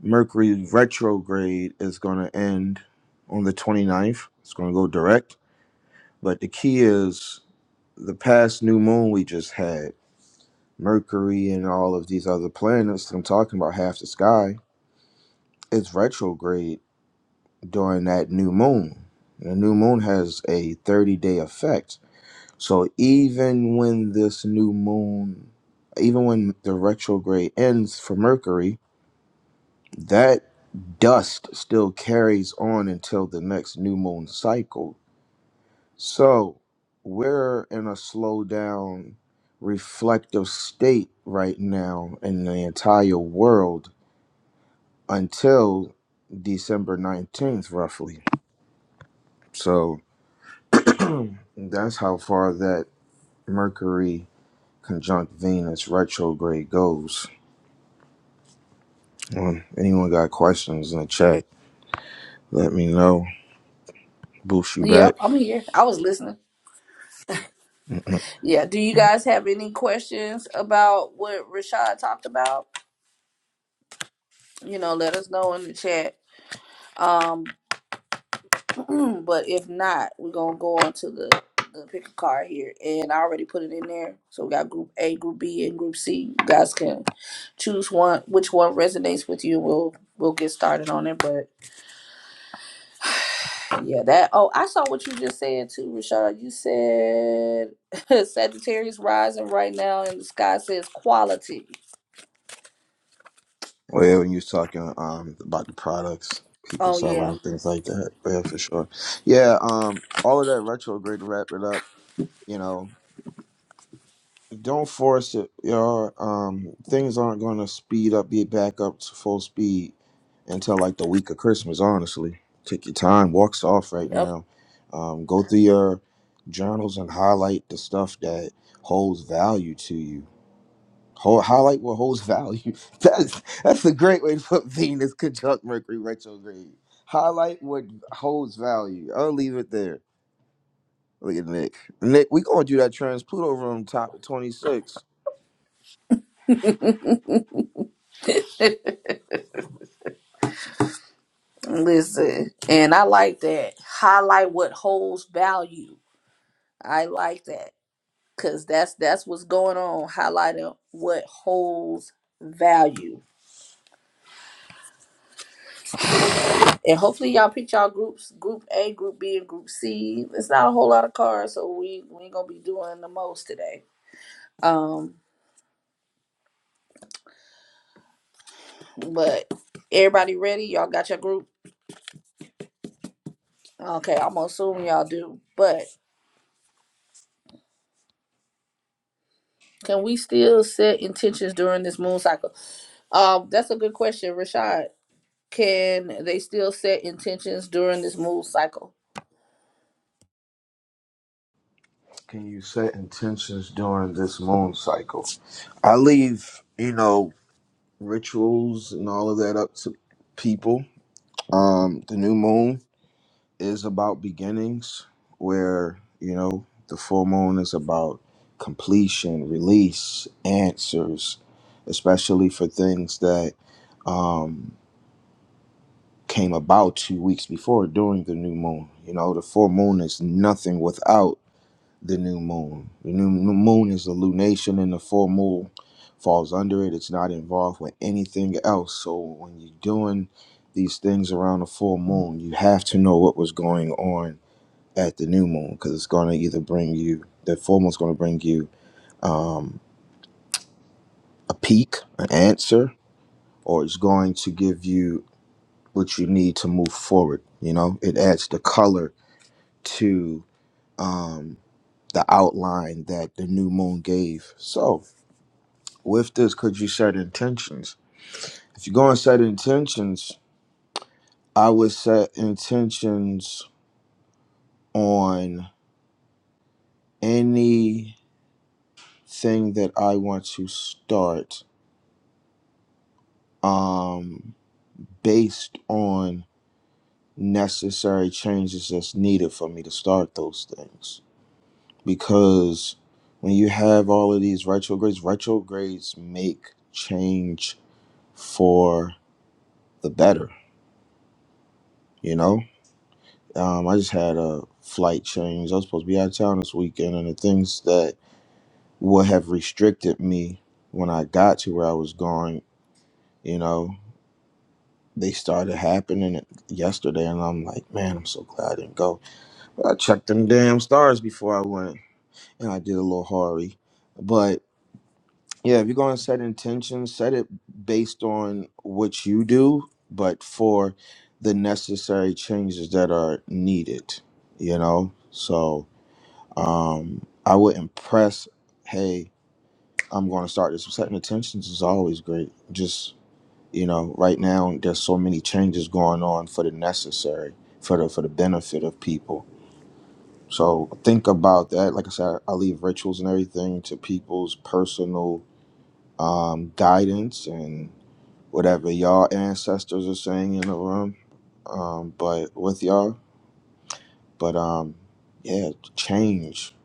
Speaker 2: Mercury retrograde is going to end on the 29th. It's going to go direct. But the key is the past new moon we just had, Mercury and all of these other planets that I'm talking about, half the sky, it's retrograde during that new moon. And the new moon has a 30 day effect. So even when this new moon, even when the retrograde ends for Mercury, that dust still carries on until the next new moon cycle. So we're in a slow down, reflective state right now in the entire world until December 19th, roughly. So that's how far that Mercury conjunct Venus retrograde goes. Um, anyone got questions in the chat? Let me know. Boost you
Speaker 1: yep
Speaker 2: back.
Speaker 1: i'm here i was listening yeah do you guys have any questions about what rashad talked about you know let us know in the chat Um. but if not, we're gonna go on to the the pick a card here, and I already put it in there. So we got group A, group B, and group C. You guys can choose one, which one resonates with you. We'll we'll get started on it. But yeah, that. Oh, I saw what you just said too, Rashad. You said Sagittarius rising right now, and the sky says quality.
Speaker 2: Well, yeah, when you was talking um about the products, people
Speaker 1: Oh
Speaker 2: selling
Speaker 1: yeah,
Speaker 2: and things like that. Yeah, for sure. Yeah, um, all of that retrograde to wrap it up. You know, don't force it, y'all. Um, things aren't going to speed up, be back up to full speed until like the week of Christmas. Honestly, take your time. Walks off right
Speaker 1: yep.
Speaker 2: now. Um, go through your journals and highlight the stuff that holds value to you Hold, highlight what holds value. That's that's a great way to put Venus conjunct Mercury retrograde. Highlight what holds value. I'll leave it there. Look at Nick. Nick, we gonna do that trans Pluto room top of twenty six.
Speaker 1: Listen, and I like that. Highlight what holds value. I like that because that's that's what's going on highlighting what holds value and hopefully y'all pick y'all groups group a group b and group c it's not a whole lot of cards, so we we ain't gonna be doing the most today um but everybody ready y'all got your group okay i'm gonna assume y'all do but can we still set intentions during this moon cycle um that's a good question rashad can they still set intentions during this moon cycle
Speaker 2: Can you set intentions during this moon cycle? I leave, you know, rituals and all of that up to people. Um, the new moon. is about beginnings where you know the full moon is about completion release answers especially for things that um came about two weeks before during the new moon you know the full moon is nothing without the new moon the new new moon is a lunation and the full moon falls under it it's not involved with anything else so when you're doing these things around the full moon you have to know what was going on at the new moon because it's going to either bring you the full moon's going to bring you um, a peak, an answer, or it's going to give you what you need to move forward. You know, it adds the color to um, the outline that the new moon gave. So, with this, could you set intentions? If you go and set intentions, I would set intentions on anything that I want to start. Um, based on necessary changes that's needed for me to start those things. Because when you have all of these retrogrades, retrogrades make change for the better, you know? Um, I just had a flight change. I was supposed to be out of town this weekend, and the things that would have restricted me when I got to where I was going, you know, they started happening yesterday, and I'm like, man, I'm so glad I didn't go I checked them damn stars before I went, and I did a little hurry. But yeah, if you're going to set intentions, set it based on what you do, but for the necessary changes that are needed. You know, so um, I wouldn't press. Hey, I'm going to start this. Setting intentions is always great. Just you know, right now there's so many changes going on for the necessary, for the for the benefit of people So think about that. Like I said, I leave rituals and everything to people's personal um, guidance and whatever y'all ancestors are saying in the room. Um, but with y'all, but um, yeah, change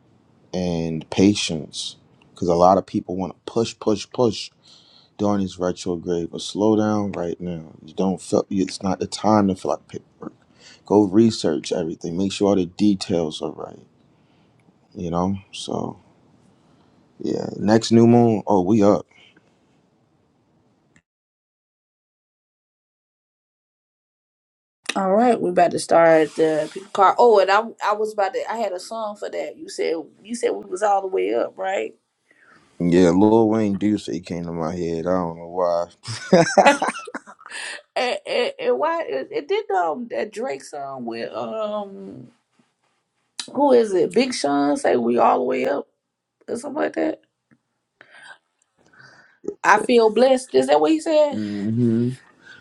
Speaker 2: and patience, because a lot of people want to push, push, push during this retrograde. But slow down right now. You don't feel it's not the time to fill out paperwork. Go research everything. Make sure all the details are right. You know, so. Yeah, next new moon. Oh, we up.
Speaker 1: All right, we about to start the people car. Oh, and I I was about to I had a song for that. You said you said we was all the way up, right?
Speaker 2: Yeah, Lil Wayne Ducey came to my head. I don't know why.
Speaker 1: And, and, and why it, it did um that Drake song with um who is it? Big Sean say we all the way up or something like that. I feel blessed. Is that what he said?
Speaker 2: hmm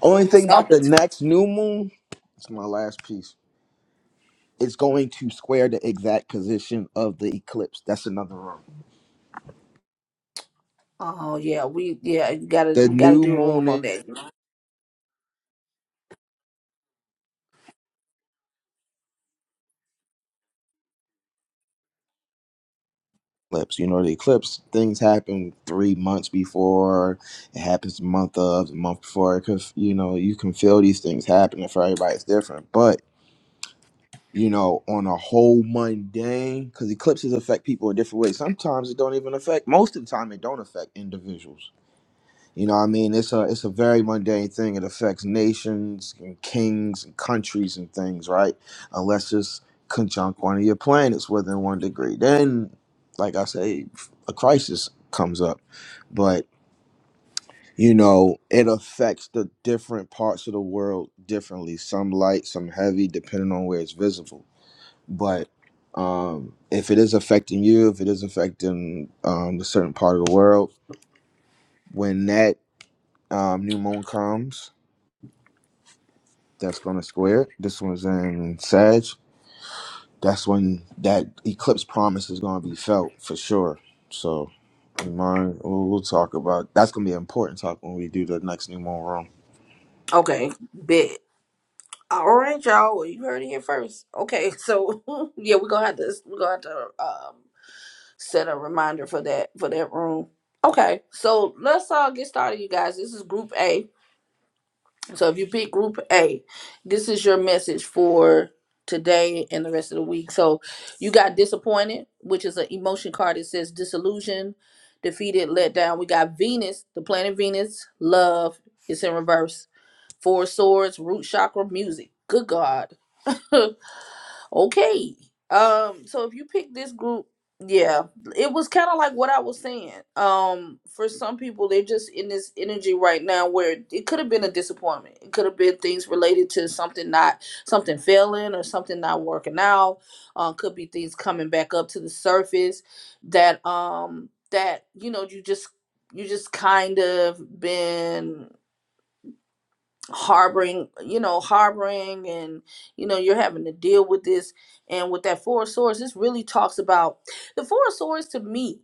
Speaker 2: Only thing about
Speaker 1: Something.
Speaker 2: the next new moon. It's my last piece. It's going to square the exact position of the eclipse. That's another room.
Speaker 1: Oh yeah, we yeah you gotta
Speaker 2: The
Speaker 1: we gotta
Speaker 2: new
Speaker 1: do a
Speaker 2: moon
Speaker 1: room on
Speaker 2: and
Speaker 1: that.
Speaker 2: eclipse. You know, the eclipse things happen three months before. It happens the month of, the month before. Because you know, you can feel these things happening for everybody. It's different, but you know, on a whole mundane because eclipses affect people in different ways. Sometimes it don't even affect. Most of the time, it don't affect individuals. You know, what I mean, it's a it's a very mundane thing. It affects nations and kings and countries and things, right? Unless it's conjunct one of your planets within one degree, then, like I say, a crisis comes up. But you know, it affects the different parts of the world differently. Some light, some heavy, depending on where it's visible but um, if it is affecting you, if it is affecting um, a certain part of the world, when that um, new moon comes, that's going to square. it. This one's in Sag. That's when that eclipse promise is going to be felt for sure. So, in mind, we'll, we'll talk about that's going to be an important talk when we do the next new moon room.
Speaker 1: Okay, bet. All right, y'all. Well, you heard it here first. Okay, so yeah, we're gonna have to we're gonna have to um set a reminder for that for that room. Okay, so let's all get started, you guys. This is Group A. So if you pick Group A, this is your message for today and the rest of the week. So you got disappointed, which is an emotion card. It says disillusion, defeated, let down. We got Venus, the planet Venus, love. It's in reverse. Four of swords, root chakra, music. Good God. Okay. Um, so if you pick this group, yeah, it was kind of like what I was saying. Um, for some people, they're just in this energy right now where it could have been a disappointment. It could have been things related to something not something failing or something not working out. Uh, could be things coming back up to the surface that um that you know you just you just kind of been harboring you know harboring and you know you're having to deal with this and with that four of swords this really talks about the four of swords to me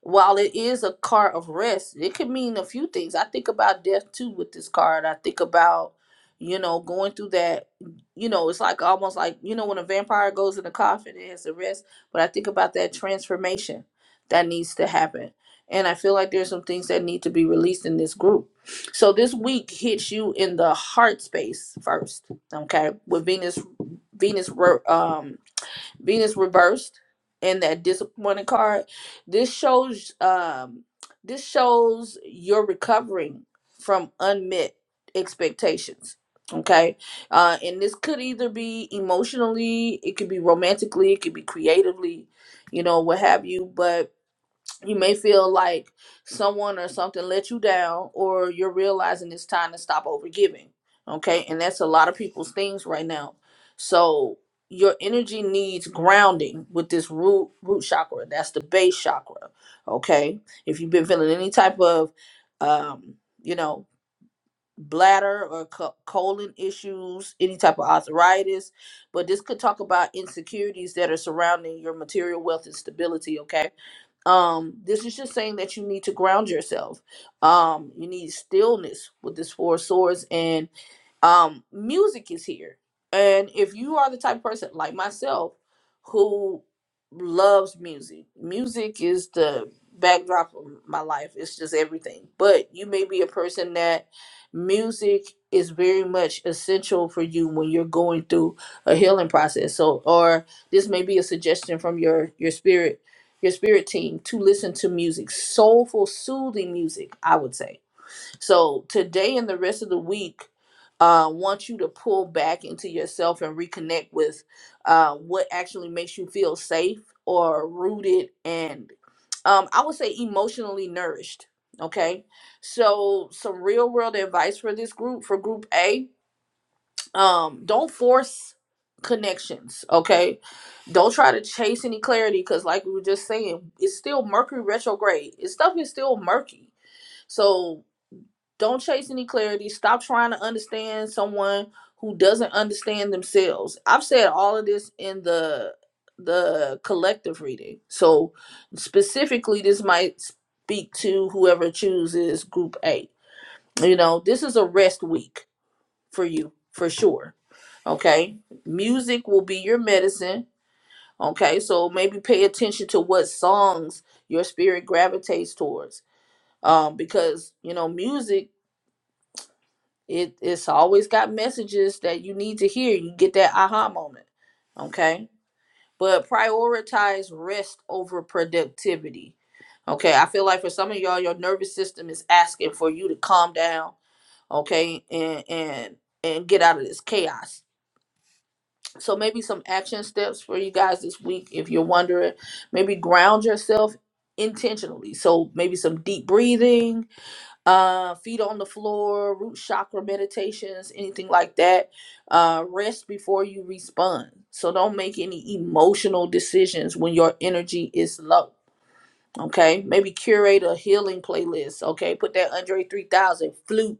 Speaker 1: while it is a card of rest, it could mean a few things. I think about death too with this card. I think about, you know, going through that, you know, it's like almost like, you know, when a vampire goes in the coffin, it has to rest. But I think about that transformation that needs to happen. And I feel like there's some things that need to be released in this group. So this week hits you in the heart space first, okay? With Venus, Venus, um, Venus reversed and that disappointed card. This shows um this shows you're recovering from unmet expectations. Okay. Uh and this could either be emotionally, it could be romantically, it could be creatively, you know, what have you. But you may feel like someone or something let you down or you're realizing it's time to stop overgiving okay and that's a lot of people's things right now so your energy needs grounding with this root root chakra that's the base chakra okay if you've been feeling any type of um you know bladder or co- colon issues any type of arthritis but this could talk about insecurities that are surrounding your material wealth and stability okay um this is just saying that you need to ground yourself um you need stillness with this four of swords and um music is here and if you are the type of person like myself who loves music music is the backdrop of my life it's just everything but you may be a person that music is very much essential for you when you're going through a healing process so or this may be a suggestion from your your spirit your spirit team to listen to music soulful soothing music i would say so today and the rest of the week, uh, want you to pull back into yourself and reconnect with uh, what actually makes you feel safe or rooted and um, I would say emotionally nourished. Okay, so some real world advice for this group for Group A: um, don't force connections. Okay, don't try to chase any clarity because, like we were just saying, it's still Mercury retrograde. It's stuff is still murky. So don't chase any clarity. Stop trying to understand someone who doesn't understand themselves. I've said all of this in the the collective reading. So specifically this might speak to whoever chooses group A. You know, this is a rest week for you for sure. Okay? Music will be your medicine. Okay? So maybe pay attention to what songs your spirit gravitates towards. Um because, you know, music It it's always got messages that you need to hear. You get that aha moment. Okay? But prioritize rest over productivity. Okay? I feel like for some of y'all your nervous system is asking for you to calm down, okay? And and and get out of this chaos. So maybe some action steps for you guys this week if you're wondering, maybe ground yourself intentionally. So maybe some deep breathing, uh feet on the floor root chakra meditations anything like that uh rest before you respond so don't make any emotional decisions when your energy is low okay maybe curate a healing playlist okay put that andre 3000 flute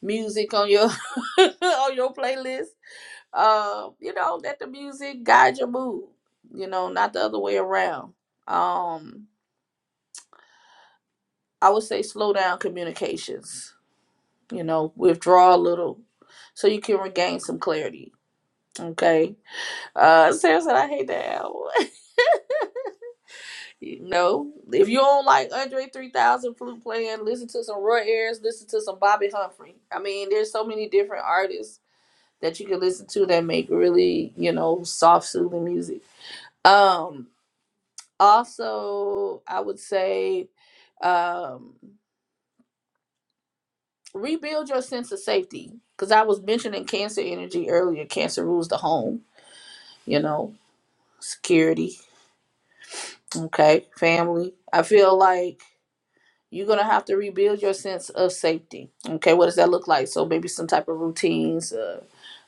Speaker 1: music on your on your playlist uh you know let the music guide your mood you know not the other way around um i would say slow down communications you know, withdraw a little so you can regain some clarity. Okay. Uh Sarah said I hate that album. you know, if you don't like Andre 3000 flute playing, listen to some Roy Ayers, listen to some Bobby Humphrey. I mean, there's so many different artists that you can listen to that make really, you know, soft soothing music. Um also, I would say um rebuild your sense of safety because I was mentioning cancer energy earlier. Cancer rules the home, you know security, okay, family. I feel like you're gonna have to rebuild your sense of safety. Okay, what does that look like? So maybe some type of routines, uh,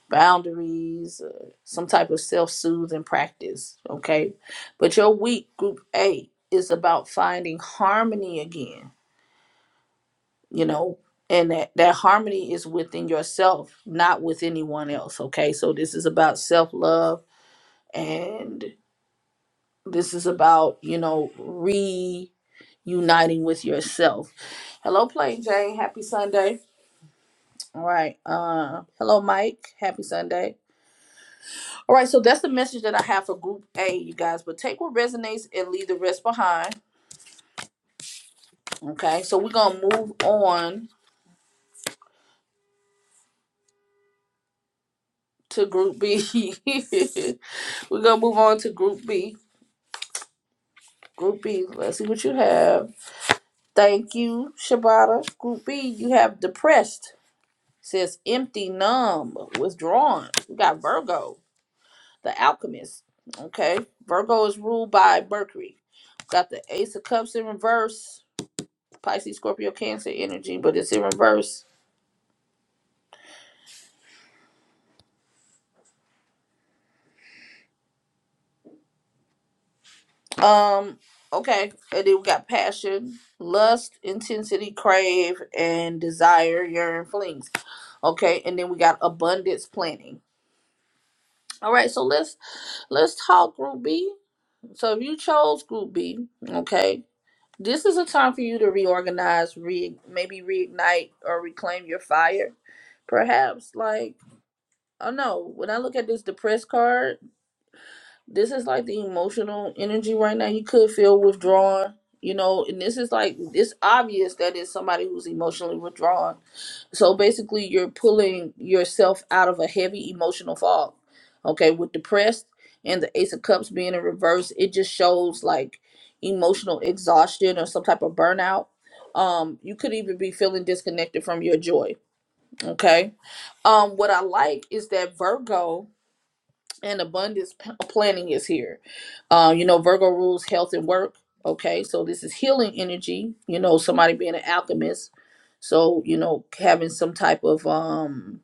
Speaker 1: boundaries, uh, some type of self-soothing practice. Okay, but your week group A is about finding harmony again. You know. And that, that harmony is within yourself, not with anyone else. Okay. So this is about self love and this is about, you know, re. uniting with yourself. Hello, Plain Jane. Happy Sunday. All right. Uh, hello, Mike. Happy Sunday. All right. So that's the message that I have for Group A, you guys. But take what resonates and leave the rest behind. Okay. So we're gonna move on to Group B. we're gonna move on to Group B. Group B. Let's see what you have. Thank you, Shabata. Group B. You have depressed. Says empty, numb, withdrawn. We got Virgo. the alchemist. Okay. Virgo is ruled by Mercury. Got the Ace of Cups in reverse. Pisces, Scorpio, Cancer energy, but it's in reverse. Um, okay. And then we got passion, lust, intensity, crave, and desire, yearn, flings. Okay, and then we got abundance planning. All right, so let's let's talk group B. So if you chose group B, okay, this is a time for you to reorganize, re maybe reignite or reclaim your fire perhaps like I don't know. When I look at this depressed card, this is like the emotional energy right now. You could feel withdrawn, you know, and this is like it's obvious that it's somebody who's emotionally withdrawn. So basically, you're pulling yourself out of a heavy emotional fog. Okay, with depressed and the Ace of Cups being in reverse, it just shows like emotional exhaustion or some type of burnout. Um, you could even be feeling disconnected from your joy. Okay um, what I like is that Virgo and abundance p- planning is here. Um, you know, Virgo rules health and work. Okay, so this is healing energy. You know, somebody being an alchemist. So you know, having some type of um,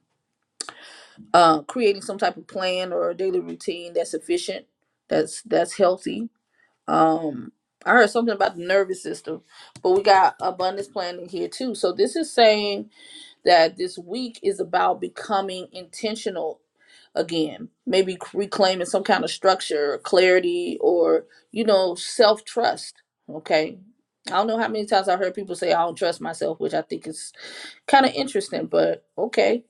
Speaker 1: uh, creating some type of plan or a daily routine that's efficient, that's that's healthy. Um, I heard something about the nervous system, but we got abundance planning here too. So this is saying that this week is about becoming intentional again maybe reclaiming some kind of structure or clarity or you know self-trust okay i don't know how many times i heard people say i don't trust myself which i think is kind of interesting but okay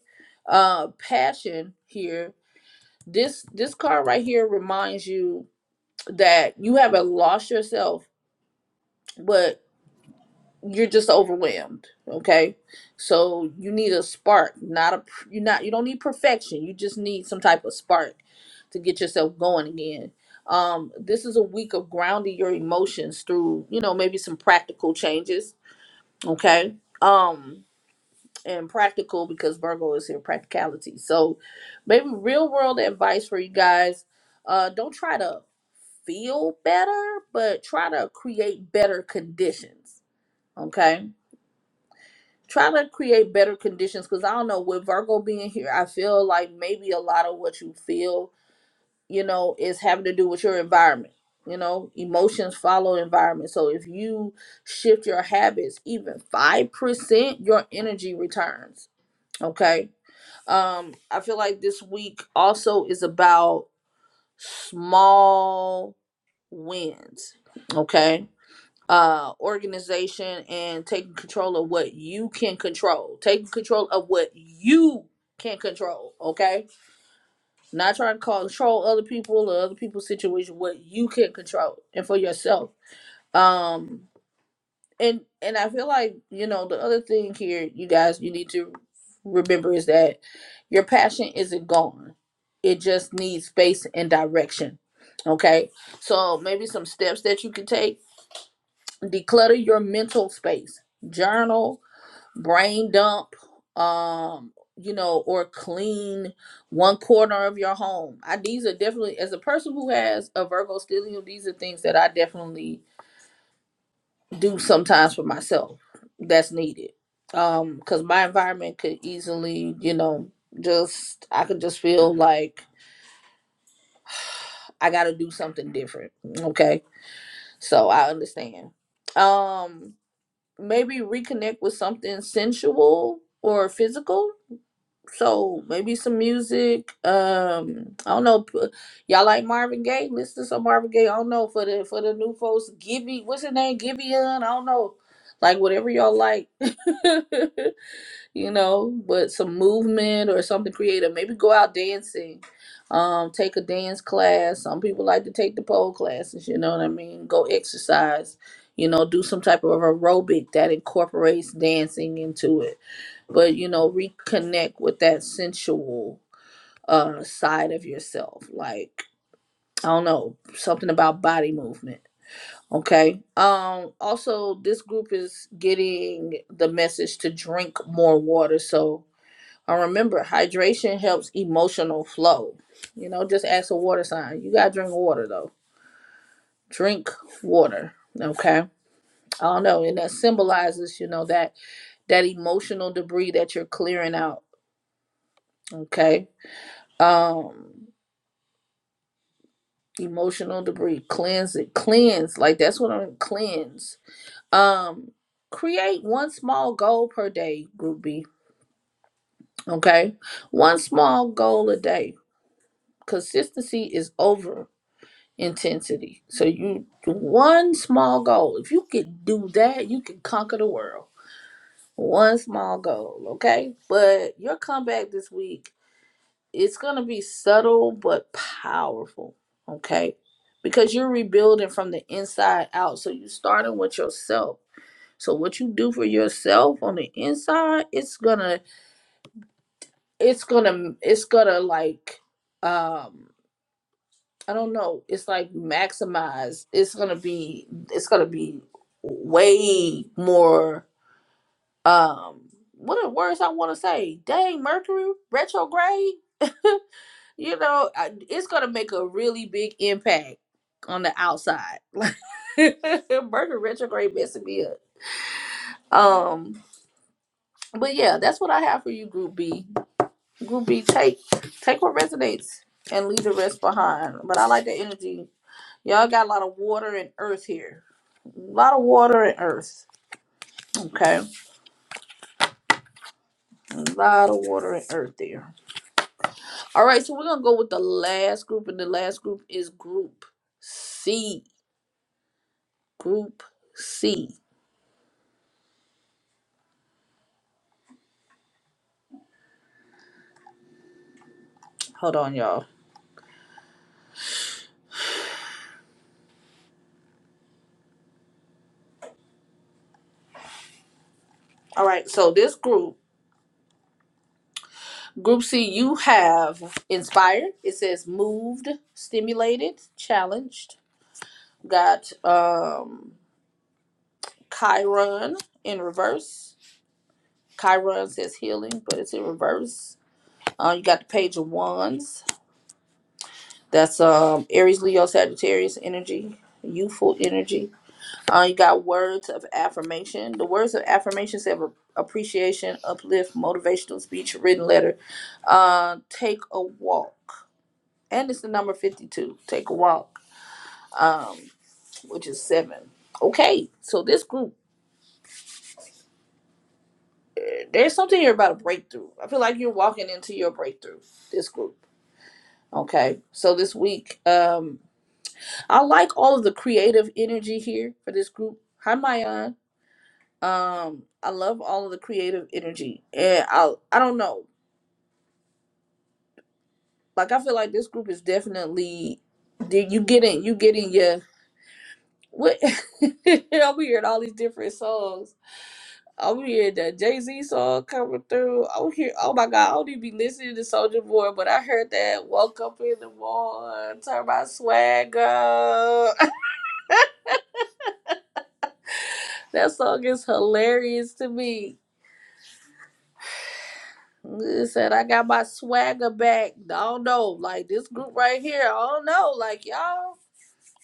Speaker 1: uh passion here this this card right here reminds you that you haven't lost yourself but you're just overwhelmed okay so you need a spark not a you not you don't need perfection you just need some type of spark to get yourself going again um this is a week of grounding your emotions through you know maybe some practical changes okay um and practical because virgo is here practicality so maybe real world advice for you guys uh don't try to feel better but try to create better conditions okay try to create better conditions because I don't know with Virgo being here, I feel like maybe a lot of what you feel, you know, is having to do with your environment. You know, emotions follow environment. So if you shift your habits even five percent, your energy returns. Okay. Um, I feel like this week also is about small wins. Okay uh organization and taking control of what you can control taking control of what you can control okay not trying to control other people or other people's situation what you can control and for yourself um and and i feel like you know the other thing here you guys you need to remember is that your passion isn't gone it just needs space and direction okay so maybe some steps that you can take declutter your mental space journal brain dump um you know or clean one corner of your home i these are definitely as a person who has a virgo stellium these are things that i definitely do sometimes for myself that's needed um because my environment could easily you know just i could just feel like i gotta do something different okay so i understand um maybe reconnect with something sensual or physical. So maybe some music. Um, I don't know. p- Y'all like Marvin Gaye? Listen to some Marvin Gaye. I don't know for the for the new folks. Gibby, what's his name? Gibeon. I don't know. Like whatever y'all like. you know, with some movement or something creative. Maybe go out dancing, um, take a dance class. Some people like to take the pole classes, you know what I mean? Go exercise, you know, do some type of aerobic that incorporates dancing into it. But, you know, reconnect with that sensual uh side of yourself. Like, I don't know, something about body movement. Okay. Um also this group is getting the message to drink more water. So uh, remember, hydration helps emotional flow. You know, just ask a water sign. You gotta drink water though. Drink water. Okay. I don't know, and that symbolizes, you know, that that emotional debris that you're clearing out. Okay. Um, emotional debris. Cleanse it. Cleanse. Like that's what I'm cleanse. Um, create one small goal per day, group B. Okay. One small goal a day. Consistency is over. intensity. So you one small goal. If you could do that, you can conquer the world. One small goal, okay? But your comeback this week, it's gonna be subtle but powerful, okay? Because you're rebuilding from the inside out. So you're starting with yourself. So what you do for yourself on the inside, it's gonna, it's gonna, it's gonna like, um, I don't know. It's like maximize. It's gonna be. It's gonna be way more. Um, what are the words I want to say? Dang, Mercury retrograde. You know, I, it's gonna make a really big impact on the outside. Like Mercury retrograde messing me up. Um, but yeah, that's what I have for you, Group B. Group B, take take what resonates and leave the rest behind. But I like the energy Y'all got a lot of water and earth here. A lot of water and earth. Okay. A lot of water and earth there. All right, so we're going to go with the last group, and the last group is group C. Group C. Hold on, y'all. All right, so this group, group C, you have inspired. It says moved, stimulated, challenged. Got um Chiron in reverse. Chiron says healing, but it's in reverse Uh, you got the Page of Wands. That's um, Aries, Leo, Sagittarius energy, youthful energy. Uh, you got words of affirmation. The words of affirmation have a- appreciation, uplift, motivational speech, written letter. Uh, take a walk. And it's the number 52. Take a walk, um, which is seven. Okay, so this group, eh, there's something here about a breakthrough. I feel like you're walking into your breakthrough, this group. Okay, so this week, um, I like all of the creative energy here for this group. Hi, Mayan. Um, I love all of the creative energy, and I I don't know. Like I feel like this group is definitely did you getting you getting your what? I'm hearing all these different songs. I'm hearing that Jay Z song coming through. I'm here. Oh my God! I don't even be listening to Soldier Boy, but I heard that "Woke Up in the Morning," turn my swag up. that song is hilarious to me It Said I got my swagger back. I don't know. Like this group right here, I don't know. Like y'all,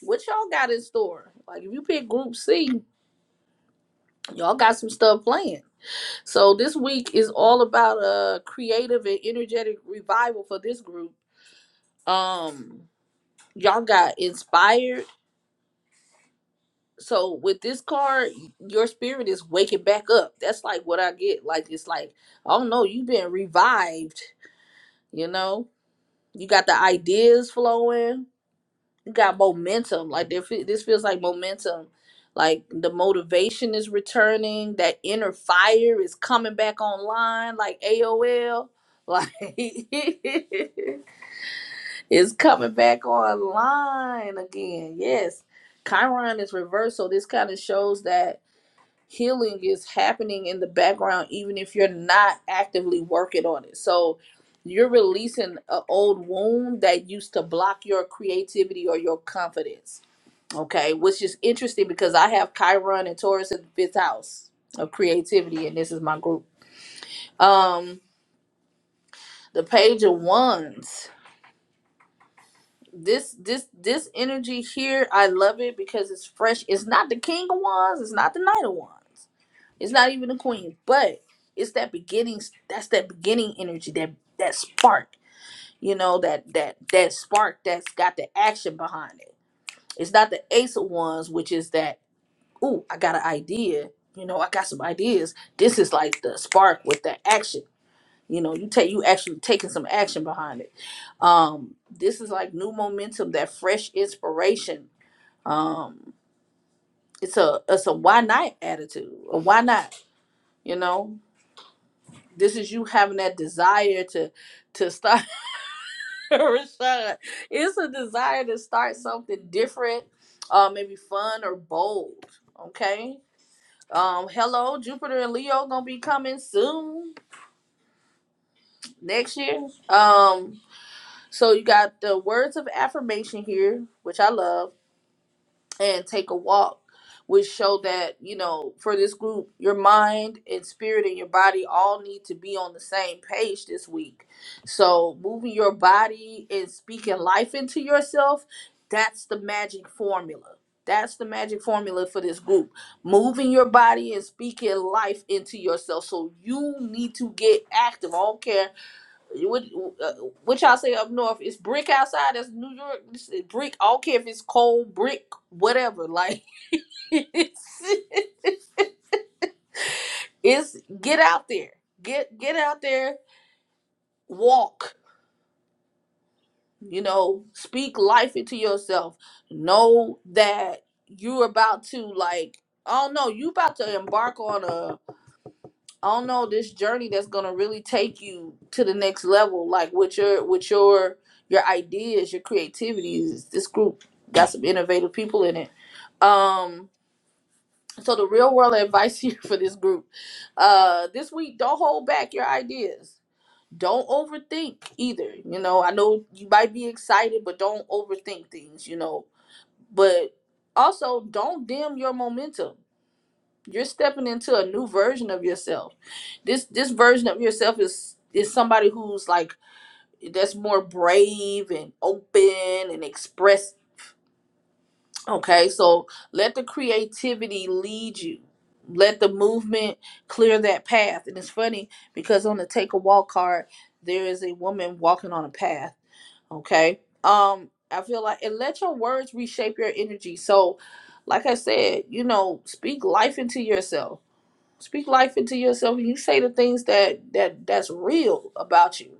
Speaker 1: what y'all got in store? Like if you pick group C, y'all got some stuff playing. So this week is all about a creative and energetic revival for this group. Um, y'all got inspired. So with this card, your spirit is waking back up. That's like what I get. Like it's like, oh no, you've been revived, you know? You got the ideas flowing got momentum. Like there, fe- this feels like momentum. Like the motivation is returning. That inner fire is coming back online. Like AOL. Like it's coming back online again. Yes, Chiron is reversed, so this kind of shows that healing is happening in the background, even if you're not actively working on it. So you're releasing an old wound that used to block your creativity or your confidence Okay, which is interesting because I have Chiron and Taurus in the fifth house of creativity, and this is my group. Um, the page of wands. This this this energy here, I love it because it's fresh. It's not the king of wands, it's not the knight of wands, it's not even the queen, but it's that beginning that's that beginning energy, that that spark, you know, that that that spark that's got the action behind it. It's not the ace of wands, which is that. ooh, I got an idea. You know, I got some ideas. This is like the spark with the action. You know, you take you actually taking some action behind it. Um, this is like new momentum, that fresh inspiration. Um, it's a it's a why not attitude. A why not? You know, this is you having that desire to to start. Rashad, it's a desire to start something different, uh, maybe fun or bold. Okay, Um, hello, Jupiter and Leo gonna be coming soon next year. Um, so you got the words of affirmation here, which I love. and take a walk which show that you know for this group your mind and spirit and your body all need to be on the same page this week so moving your body and speaking life into yourself that's the magic formula that's the magic formula for this group moving your body and speaking life into yourself so you need to get active i don't care you would, uh, what y'all say up north? It's brick outside. That's New York. It's brick. I don't care if it's cold brick, whatever. Like it's, it's get out there. Get get out there. Walk. You know, speak life into yourself. Know that you're about to like. I don't know. You about to embark on a. I don't know this journey that's gonna really take you to the next level. Like with your with your your ideas, your creativity. This this group got some innovative people in it. Um, so the real world advice here for this group, uh, this week don't hold back your ideas. Don't overthink either. You know, I know you might be excited, but don't overthink things. You know, but also don't dim your momentum. You're stepping into a new version of yourself this this version of yourself is is somebody who's like that's more brave and open and express okay so let the creativity lead you let the movement clear that path and it's funny because on the take a walk card there is a woman walking on a path okay um i feel like and let your words reshape your energy so like i said you know speak life into yourself Speak life into yourself and you say the things that that that's real about you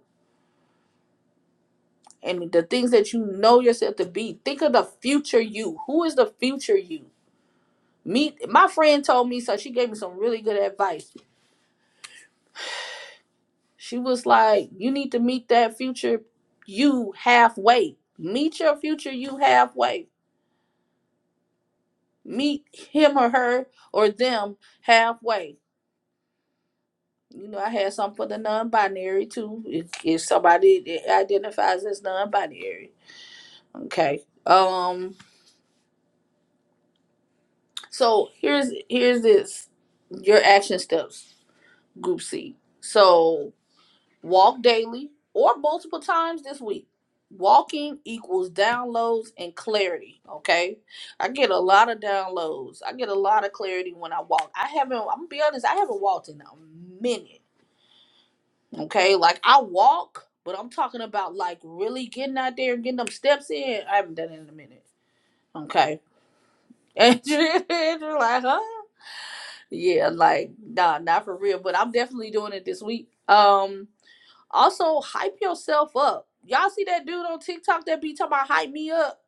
Speaker 1: and the things that you know yourself to be. Think of the future you. Who is the future you? Meet my friend told me so she gave me some really good advice. She was like, you need to meet that future you halfway. Meet your future you halfway. Meet him or her or them halfway. You know, I had something for the non-binary too. If, if somebody identifies as non-binary, Okay. Um. So here's here's this your action steps group C. So walk daily or multiple times this week. Walking equals downloads and clarity. Okay. I get a lot of downloads. I get a lot of clarity when I walk. I haven't. I'm gonna be honest. I haven't walked in a minute. Okay. Like I walk, but I'm talking about like really getting out there and getting them steps in. I haven't done it in a minute. Okay. And you're like, huh? Yeah, like nah, not for real. But I'm definitely doing it this week. Um, also hype yourself up. Y'all see that dude on TikTok that be talking about hype me up?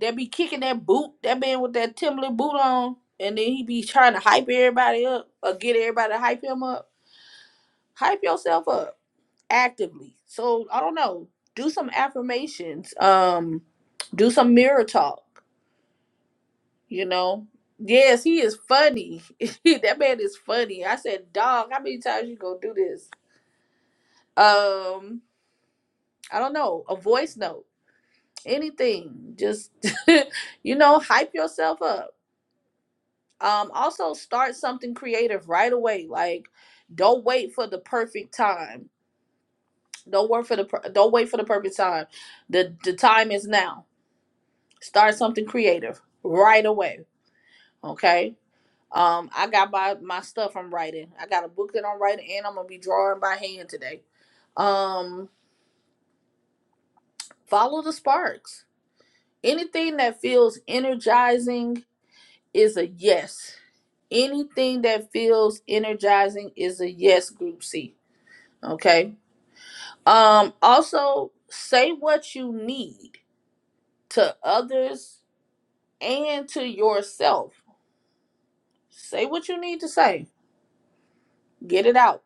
Speaker 1: That be kicking that boot, that man with that Timberland boot on, and then he be trying to hype everybody up or get everybody to hype him up. Hype yourself up actively. So I don't know. Do some affirmations. Um, do some mirror talk. You know? Yes, he is funny. that man is funny. I said, dog, how many times you gonna do this? Um, I don't know, a voice note, anything. Just you know, hype yourself up. Um, also start something creative right away. Like, don't wait for the perfect time. Don't work for the per- don't wait for the perfect time. The the time is now. Start something creative right away. Okay Um, I got my my stuff I'm writing. I got a book that I'm writing, and I'm gonna be drawing by hand today. Um, follow the sparks. Anything that feels energizing is a yes. Anything that feels energizing is a yes. Group C. Okay. Um, also say what you need to others and to yourself. Say what you need to say. Get it out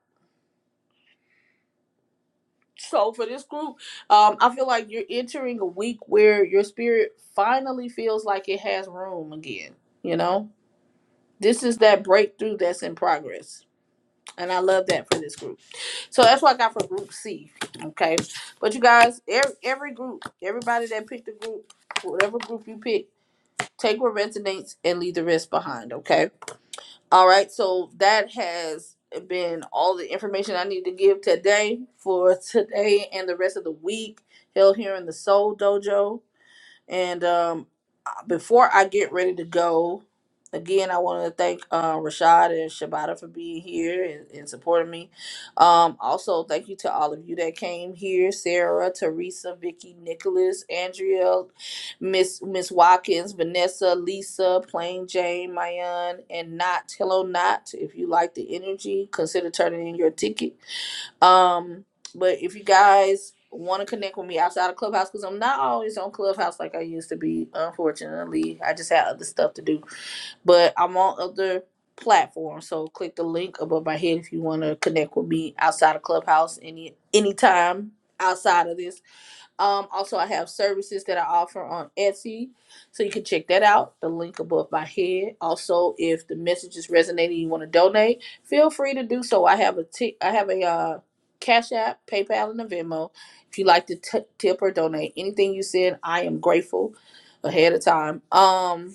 Speaker 1: So for this group, um, I feel like you're entering a week where your spirit finally feels like it has room again. You know, this is that breakthrough that's in progress, and I love that for this group. So that's what I got for Group C. Okay, but you guys, every, every group, everybody that picked the group, whatever group you pick, take what resonates and leave the rest behind. Okay. All right, so that has been all the information I need to give today for today and the rest of the week held here in the Soul Dojo. And um, before I get ready to go, again, I want to thank uh, Rashad and Shabata for being here and, and supporting me. Um, also, thank you to all of you that came here: Sarah, Teresa, Vicky, Nicholas, Andrea, Miss Miss Watkins, Vanessa, Lisa, Plain Jane, Mayan, and Not. Hello, Not. If you like the energy, consider turning in your ticket um, but if you guys want to connect with me outside of Clubhouse, because I'm not always on Clubhouse like I used to be, unfortunately. I just had other stuff to do. But I'm on other platforms. So click the link above my head if you want to connect with me outside of Clubhouse any anytime outside of this. Um, also, I have services that I offer on Etsy, so you can check that out. The link above my head. Also, if the message is resonating, you want to donate, feel free to do so. I have a t- I have a uh, Cash App, PayPal, and a Venmo. If you like to t- tip or donate anything you said, I am grateful ahead of time. Um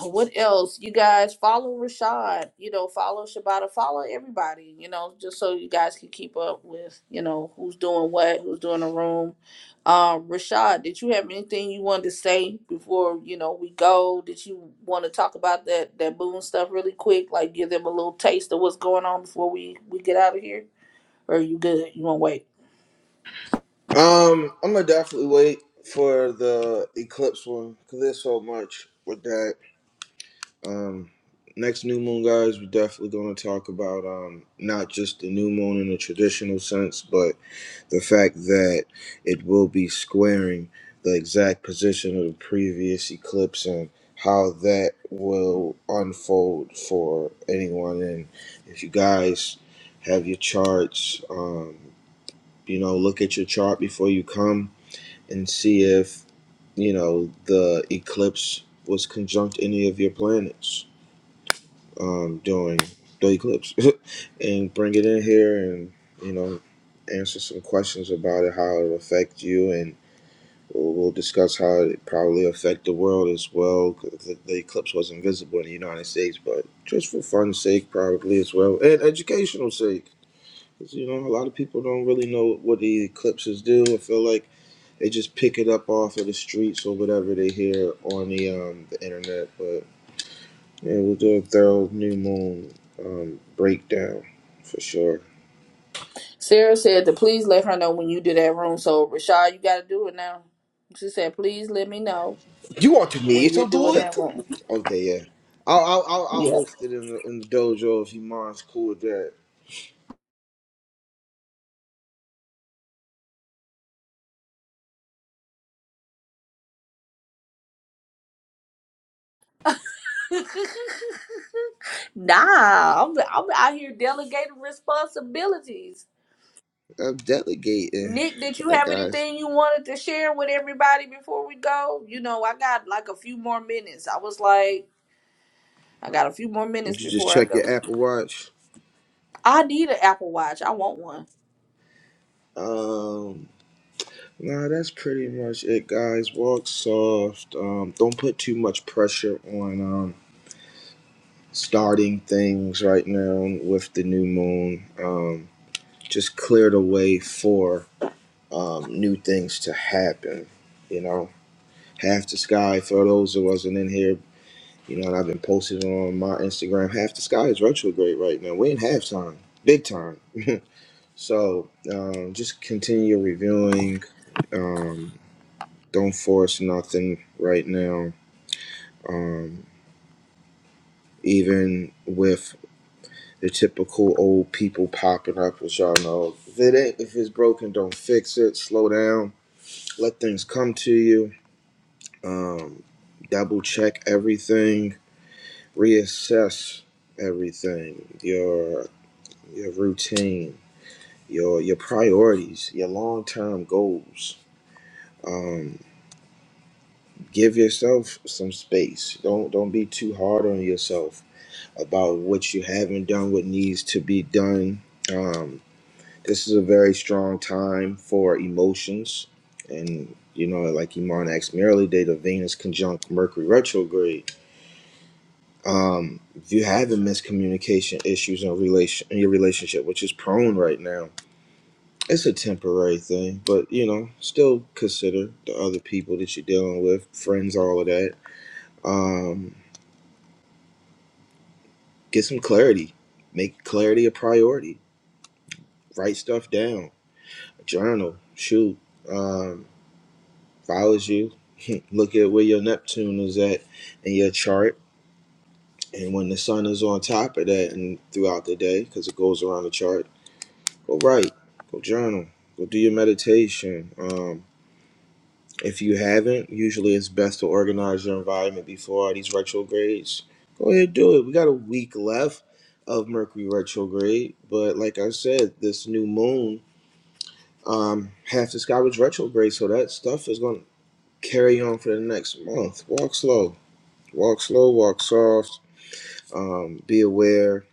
Speaker 1: what else you guys follow rashad you know follow shabata follow everybody you know just so you guys can keep up with you know who's doing what who's doing the room uh, rashad did you have anything you wanted to say before you know we go did you want to talk about that that Boone stuff really quick like give them a little taste of what's going on before we we get out of here or are you good you want to wait
Speaker 2: Um, I'm gonna definitely wait for the eclipse one because there's so much with that. Um, next new moon, guys, we're definitely going to talk about um, not just the new moon in a traditional sense, but the fact that it will be squaring the exact position of the previous eclipse and how that will unfold for anyone. And if you guys have your charts, um, you know, look at your chart before you come and see if, you know, the eclipse was conjunct any of your planets um, doing daily clips and bring it in here and you know answer some questions about it, how it affect you, and we'll, we'll discuss how it probably affect the world as well. 'cause The, the eclipse wasn't visible in the United States, but just for fun's sake, probably as well, and educational sake, because you know a lot of people don't really know what the eclipses do. I feel like they just pick it up off of the streets or whatever they hear on the um, the internet, but yeah, we'll do a thorough new moon um, breakdown for sure.
Speaker 1: sarah said to please let her know when you do that room so rashad you got to do it now she said please let me know
Speaker 2: You want
Speaker 1: when
Speaker 2: me
Speaker 1: you're
Speaker 2: to do
Speaker 1: doing
Speaker 2: it?
Speaker 1: that room
Speaker 2: Okay, yeah. I'll I'll, I'll, I'll
Speaker 1: Yeah.
Speaker 2: host it in the, in the dojo if you mind's cool with that.
Speaker 1: Nah, I'm I'm out here delegating responsibilities.
Speaker 2: I'm delegating,
Speaker 1: Nick, did you
Speaker 2: Uh,
Speaker 1: have
Speaker 2: guys.
Speaker 1: anything you wanted to share with everybody before we go? You know, I got like a few more minutes. I was like, I got a few more minutes
Speaker 2: Did you just
Speaker 1: before I
Speaker 2: check
Speaker 1: go.
Speaker 2: your Apple Watch?
Speaker 1: I need an Apple Watch. I want one.
Speaker 2: Um, nah, that's pretty much it, guys. Walk soft. Um, don't put too much pressure on um starting things right now with the new moon. Um, just clear the way for. um, new things to happen. You know, half the sky for those who wasn't in here. You know, and I've been posting on my Instagram. Half the sky is retrograde right now. We're in halftime, big time. so um, just continue reviewing. Um, don't force nothing right now. Um, even with the typical old people popping up, which y'all know, if it ain't, if it's broken, don't fix it. Slow down. Let things come to you um, double check everything, reassess everything, your your routine, your your priorities, your long term goals. Um, give yourself some space. Don't don't be too hard on yourself about what you haven't done, what needs to be done. Um, this is a very strong time for emotions, and you know, like Iman asked me earlier, the Venus conjunct Mercury retrograde Um, if you're having miscommunication issues in relation in your relationship, which is prone right now, it's a temporary thing. But you know, still consider the other people that you're dealing with, friends, all of that. Um, get some clarity. Make clarity a priority. Write stuff down. Journal. Shoot. Um, if I was you, look at where your Neptune is at in your chart, and when the sun is on top of that, and throughout the day, because it goes around the chart Go write. Go journal. Go do your meditation. Um, if you haven't, usually it's best to organize your environment before all these retrogrades. Go ahead, and do it. We got a week left of Mercury retrograde, but like I said, this new moon, um, half the sky was retrograde, so that stuff is going to carry on for the next month. Walk slow. Walk slow. Walk soft. Um, be aware.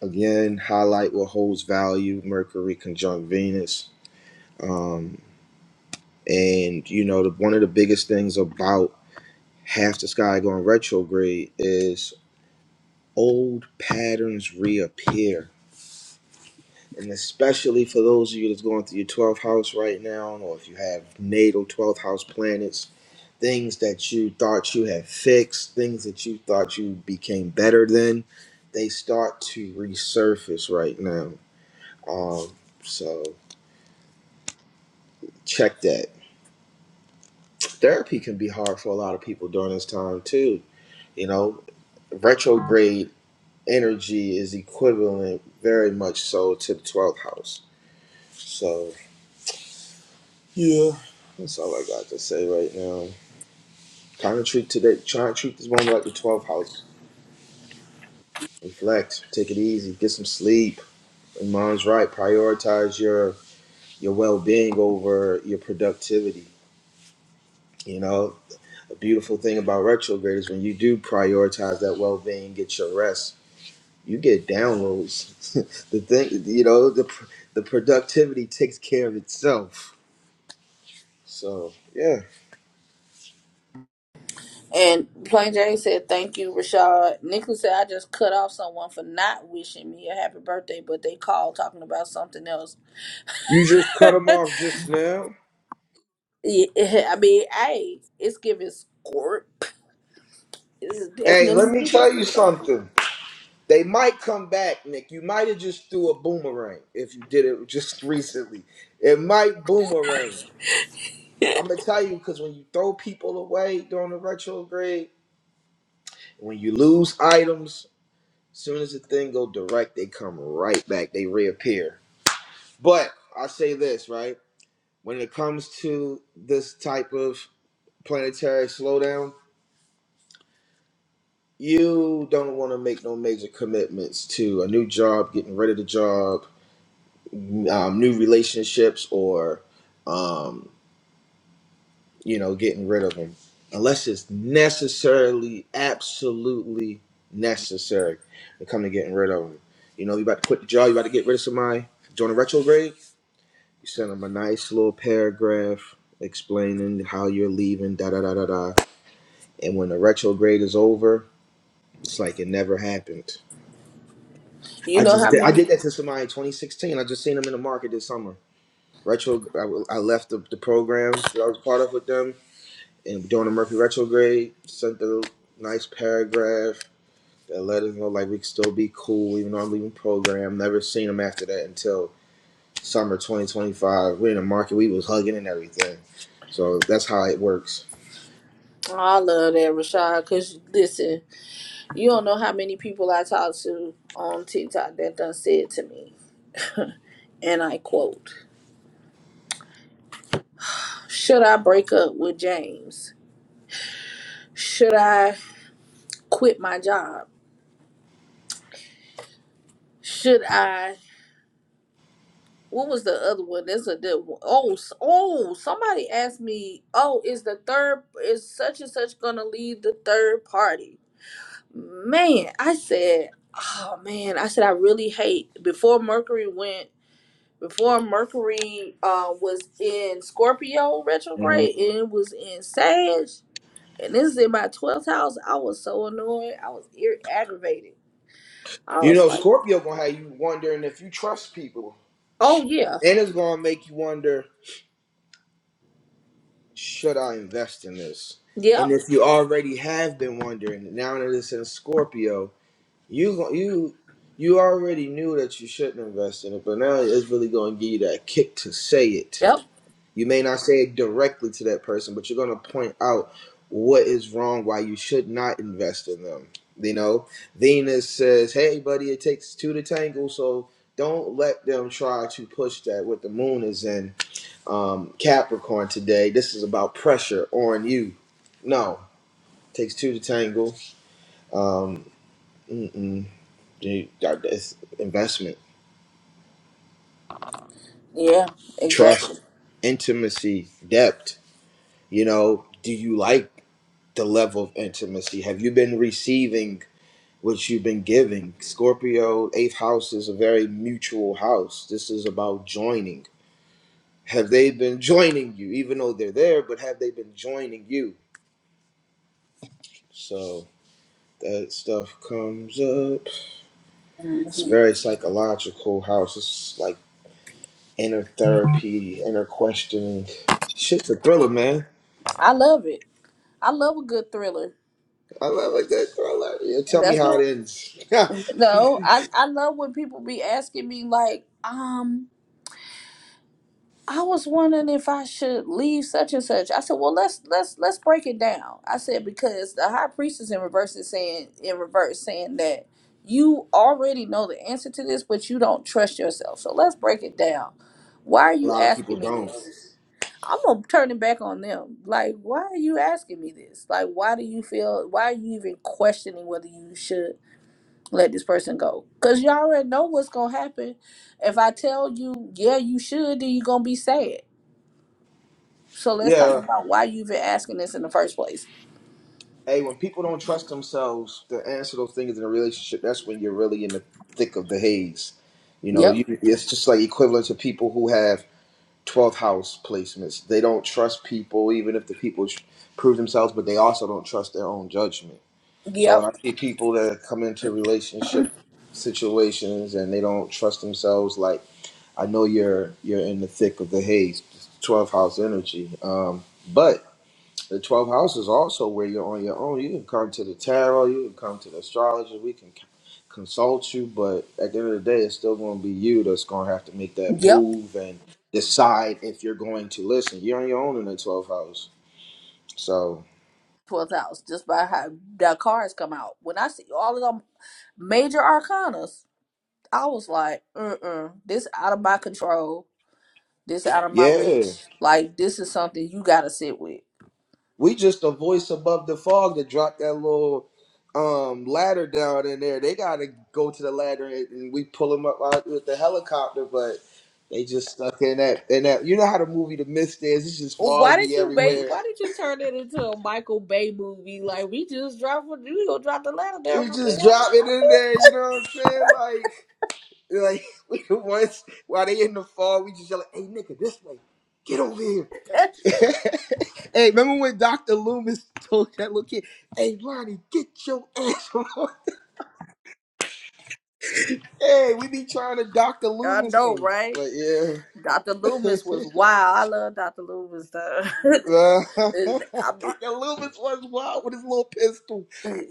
Speaker 2: Again, highlight what holds value. Mercury conjunct Venus. Um, And you know, the, one of the biggest things about half the sky going retrograde is old patterns reappear. And especially for those of you that's going through your 12th house right now, or if you have natal 12th house planets, things that you thought you had fixed, things that you thought you became better than, they start to resurface right now. Um, so check that. Therapy can be hard for a lot of people during this time too. You know, retrograde energy is equivalent very much so to the 12th house. So, yeah, that's all I got to say right now. Trying to treat today, trying to treat this moment like the 12th house. Reflect, take it easy, get some sleep. And mom's right, prioritize your your well-being over your productivity, you know? A beautiful thing about retrograde is when you do prioritize that well-being, get your rest, you get downloads. the thing, you know, the pr- the productivity takes care of itself. So yeah,
Speaker 1: And Plain Jane said, "Thank you, Rashad." Nicholas said, "I just cut off someone for not wishing me a happy birthday, but they called talking about something else."
Speaker 2: you just cut them off just now.
Speaker 1: Yeah, I mean, hey, it's giving squirt. is
Speaker 2: Hey, let
Speaker 1: definitely
Speaker 2: me
Speaker 1: given
Speaker 2: tell you
Speaker 1: to them.
Speaker 2: something. They might come back, Nick. You might have just threw a boomerang if you did it just recently. It might boomerang. I'm gonna tell you because when you throw people away during the retrograde, when you lose items, soon as the thing go direct, they come right back. They reappear. But I say this right. when it comes to this type of planetary slowdown, you don't want to make no major commitments to a new job, getting rid of the job, um, new relationships, or um, you know, getting rid of them, unless it's necessarily, absolutely necessary to come to getting rid of them. You know, you about to quit the job, you about to get rid of somebody, join a retrograde. You send them a nice little paragraph explaining how you're leaving, da da da da da and when the retrograde is over, it's like it never happened.
Speaker 1: You
Speaker 2: I
Speaker 1: know
Speaker 2: just
Speaker 1: how
Speaker 2: did, I
Speaker 1: many?
Speaker 2: did that to somebody in 2016. I just seen them in the market this summer. Retro, I, I left the, the program that I was part of with them, and during the Murphy retrograde, sent them a nice paragraph that let us know like we could still be cool even though I'm leaving program. Never seen them after that until summer 2025. We're in the market, we was hugging and everything. So that's how it works.
Speaker 1: I love that, Rashad. Cause listen, you don't know how many people I talk to on TikTok that done said to me, and I quote: "Should I break up with James? Should I quit my job? Should I?" What was the other one? There's a the, oh s- oh somebody asked me oh is the third is such and such gonna leave the third party? man, I said, oh man, I said I really hate before Mercury went before Mercury uh, was in Scorpio
Speaker 2: hmm
Speaker 1: retrograde and it was in Sag, and this is in my twelfth house. I was so annoyed. I was ir- aggravated. I
Speaker 2: You
Speaker 1: was
Speaker 2: know,
Speaker 1: like,
Speaker 2: Scorpio gonna have you wondering if you trust people.
Speaker 1: oh yeah,
Speaker 2: And it's gonna make you wonder, should I invest in this? And
Speaker 1: yep,
Speaker 2: if you already have been wondering, now that it's in Scorpio, you go- you you already knew that you shouldn't invest in it, but now it's really gonna give you that kick to say it.
Speaker 1: yep,
Speaker 2: You may not say it directly to that person, but you're gonna point out what is wrong, why you should not invest in them. You know, Venus says, "Hey, buddy, it takes two to tangle, so don't let them try to push that." What the moon is in um, Capricorn today. This is about pressure on you. No, takes two to tangle. Um, mm-mm. You got investment,
Speaker 1: yeah, exactly.
Speaker 2: trust, intimacy, depth. You know, do you like the level of intimacy? Have you been receiving what you've been giving? Scorpio eighth house is a very mutual house. This is about joining. Have they been joining you, even though they're there? But have they been joining you? So that stuff comes up. It's very psychological how it's just like inner therapy, inner questioning. Shit's a thriller, man.
Speaker 1: I love it. I love a good thriller.
Speaker 2: I love a
Speaker 1: That's
Speaker 2: good thriller. Yeah, tell me
Speaker 1: that's
Speaker 2: how
Speaker 1: what
Speaker 2: it ends. a
Speaker 1: no. I I love when people be asking me like, um. I was wondering if I should leave such and such. I said, well, let's let's let's break it down. I said because the high priestess in reverse is saying in reverse saying that you already know the answer to this, but you don't trust yourself. So let's break it down. Why are you
Speaker 2: lot of people
Speaker 1: asking me
Speaker 2: don't.
Speaker 1: this? I'm gonna turn it back on them. Like, why are you asking me this? Like, why do you feel? Why are you even questioning whether you should let this person go? Cause you already know what's gonna happen. If I tell you, yeah, you should, then you're gonna be sad. So let's talk
Speaker 2: Yeah.
Speaker 1: about why you have been asking this in the first place.
Speaker 2: Hey, when people don't trust themselves to answer those things in a relationship, that's when you're really in the thick of the haze. You know,
Speaker 1: Yep,
Speaker 2: you, it's just like equivalent to people who have 12th house placements. They don't trust people, even if the people tr- prove themselves, but they also don't trust their own judgment So
Speaker 1: yep,
Speaker 2: when I see people that come into relationship situations and they don't trust themselves, like I know you're you're in the thick of the haze, twelve house energy. Um, but the twelve house is also where you're on your own. You can come to the tarot, you can come to the astrologer, we can c- consult you, but at the end of the day, it's still going to be you that's going to have to make that
Speaker 1: yep.
Speaker 2: move and decide if you're going to listen. You're on your own in the twelfth house, so
Speaker 1: Twelfth house, just by how the cards come out. When I see all of them major arcanas, I was like, uh-uh, this out of my control. This out of my
Speaker 2: yeah.
Speaker 1: reach. Like this is something you gotta sit with.
Speaker 2: We just a voice above the fog to drop that little um ladder down in there. They gotta go to the ladder and, and we pull them up out with the helicopter, but they just stuck in that in that. You know how the movie The Mist is? It's just
Speaker 1: Well, Why did
Speaker 2: foggy
Speaker 1: you make?
Speaker 2: everywhere.
Speaker 1: Why did you turn it into a Michael Bay movie? Like we just dropped, we gonna drop the ladder down
Speaker 2: We
Speaker 1: from the
Speaker 2: just drop it in
Speaker 1: helicopter.
Speaker 2: there. You know what I'm saying? Like like we the ones while they in the fog, we just yell, "Hey nigga, this way, get over here." hey, remember when Doctor Loomis told that little kid, "Hey Ronnie, get your ass." over." Hey, we be trying to Dr.
Speaker 1: I
Speaker 2: Loomis
Speaker 1: know,
Speaker 2: him.
Speaker 1: right?
Speaker 2: But yeah.
Speaker 1: Dr. Loomis was wild. I love Dr. Loomis. Though.
Speaker 2: Dr.
Speaker 1: And I mean,
Speaker 2: Loomis was wild with his little pistol.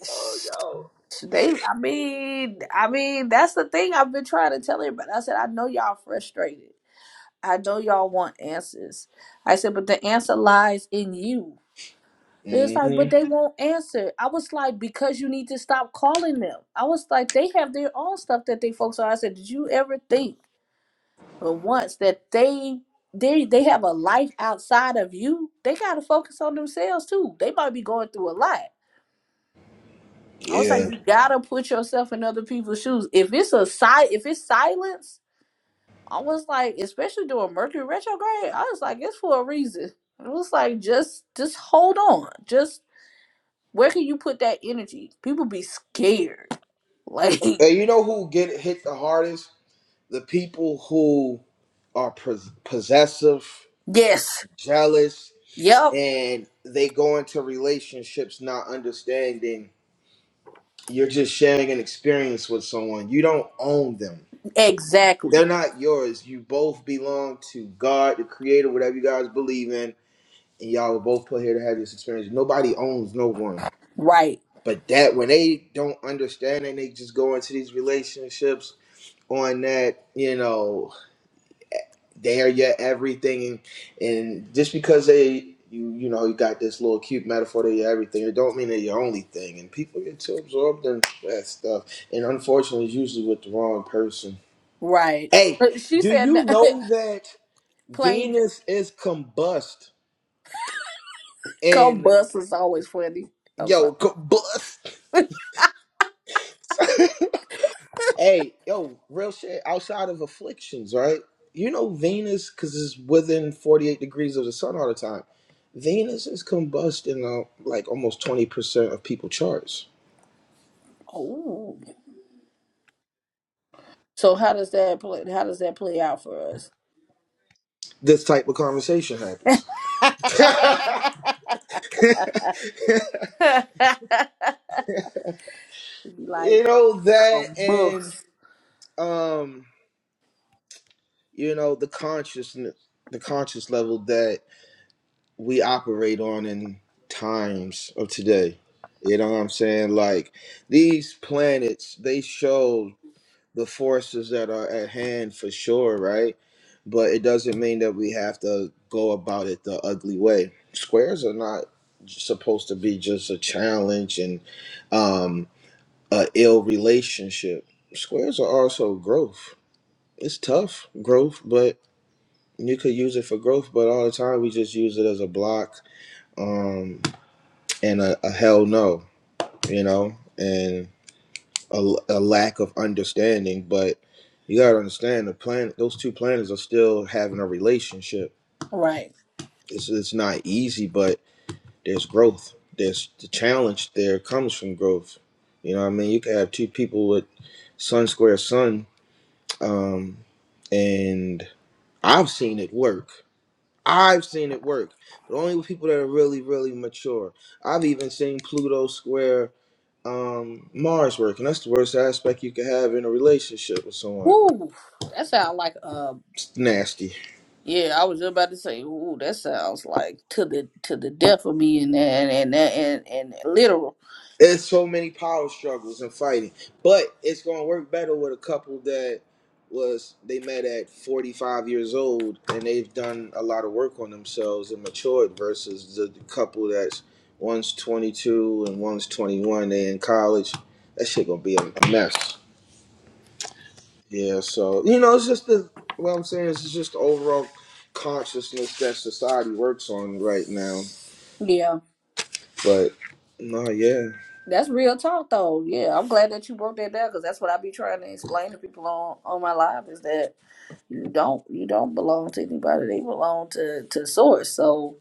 Speaker 2: Oh,
Speaker 1: they. I mean, I mean, that's the thing I've been trying to tell everybody. I said, I know y'all frustrated. I know y'all want answers. I said, but the answer lies in you.
Speaker 2: yo.
Speaker 1: It's like,
Speaker 2: hmm
Speaker 1: but they won't answer. I was like, because you need to stop calling them. I was like, they have their own stuff that they focus on. I said, did you ever think? But once that they they they have a life outside of you, they gotta focus on themselves too. They might be going through a lot. I was like,
Speaker 2: Yeah.
Speaker 1: you gotta put yourself in other people's shoes. If it's a si if it's silence, I was like, especially during Mercury retrograde, I was like, it's for a reason. It was like just just hold on. Just where can you put that energy? People be scared. Like,
Speaker 2: And you know who get hit the hardest? The people who are pos- possessive,
Speaker 1: yes,
Speaker 2: jealous,
Speaker 1: yep,
Speaker 2: and they go into relationships not understanding. You're just sharing an experience with someone. You don't own them They're
Speaker 1: exactly,
Speaker 2: not yours. You both belong to God, the Creator, whatever you guys believe in, and y'all were both put here to have this experience. Nobody owns no one.
Speaker 1: right,
Speaker 2: But that when they don't understand and they just go into these relationships on that, you know, they are your everything, and just because they. You, you know you got this little cute metaphor that you're everything. It don't mean that you're only thing, and people get too absorbed in that stuff. And unfortunately, it's usually with the wrong person.
Speaker 1: right.
Speaker 2: Hey,
Speaker 1: But she
Speaker 2: do
Speaker 1: said,
Speaker 2: you know that?
Speaker 1: Plain J-
Speaker 2: Venus is combust
Speaker 1: come
Speaker 2: and
Speaker 1: bus is always funny. I'm sorry.
Speaker 2: yo combust. hey, yo, real shit. Outside of afflictions, right? You know Venus because it's within forty-eight degrees of the sun all the time. Venus is combust in uh, like almost twenty percent of people charts.
Speaker 1: Oh, so how does that play? How does that play out for us?
Speaker 2: This type of conversation happens.
Speaker 1: like
Speaker 2: you know that,
Speaker 1: come
Speaker 2: and
Speaker 1: bus,
Speaker 2: um, you know the consciousness, the conscious level that we operate on in times of today. You know what I'm saying? Like these planets, they show the forces that are at hand for sure, right? But it doesn't mean that we have to go about it the ugly way. Squares are not supposed to be just a challenge and um, a ill relationship. Squares are also growth. It's tough growth, but you could use it for growth. But all the time, we just use it as a block. Um, and a, a hell no, you know, and a, a lack of understanding. But you gotta understand the plan; those two planets are still having a relationship.
Speaker 1: right?
Speaker 2: It's it's not easy, but there's growth. There's the challenge. There comes from growth. You know, what I mean, you could have two people with sun square sun, um, and I've seen it work. I've seen it work, but only with people that are really, really mature. I've even seen Pluto square um Mars working. That's the worst aspect you could have in a relationship with someone.
Speaker 1: Ooh, that sounds like um.
Speaker 2: It's nasty.
Speaker 1: Yeah, I was just about to say, ooh, that sounds like to the to the death of me and and and and, and literal.
Speaker 2: It's so many power struggles and fighting. But it's gonna work better with a couple that was they met at 45 years old and they've done a lot of work on themselves and matured versus the, the couple that's one's 22 and one's 21 they in college that shit gonna be a mess Yeah, so you know, it's just the what I'm saying is it's just the overall consciousness that society works on right now.
Speaker 1: Yeah,
Speaker 2: But no, yeah,
Speaker 1: that's real talk though. Yeah, I'm glad that you broke that down because that's what I be trying to explain to people on on my live is that you don't you don't belong to anybody they belong to to source so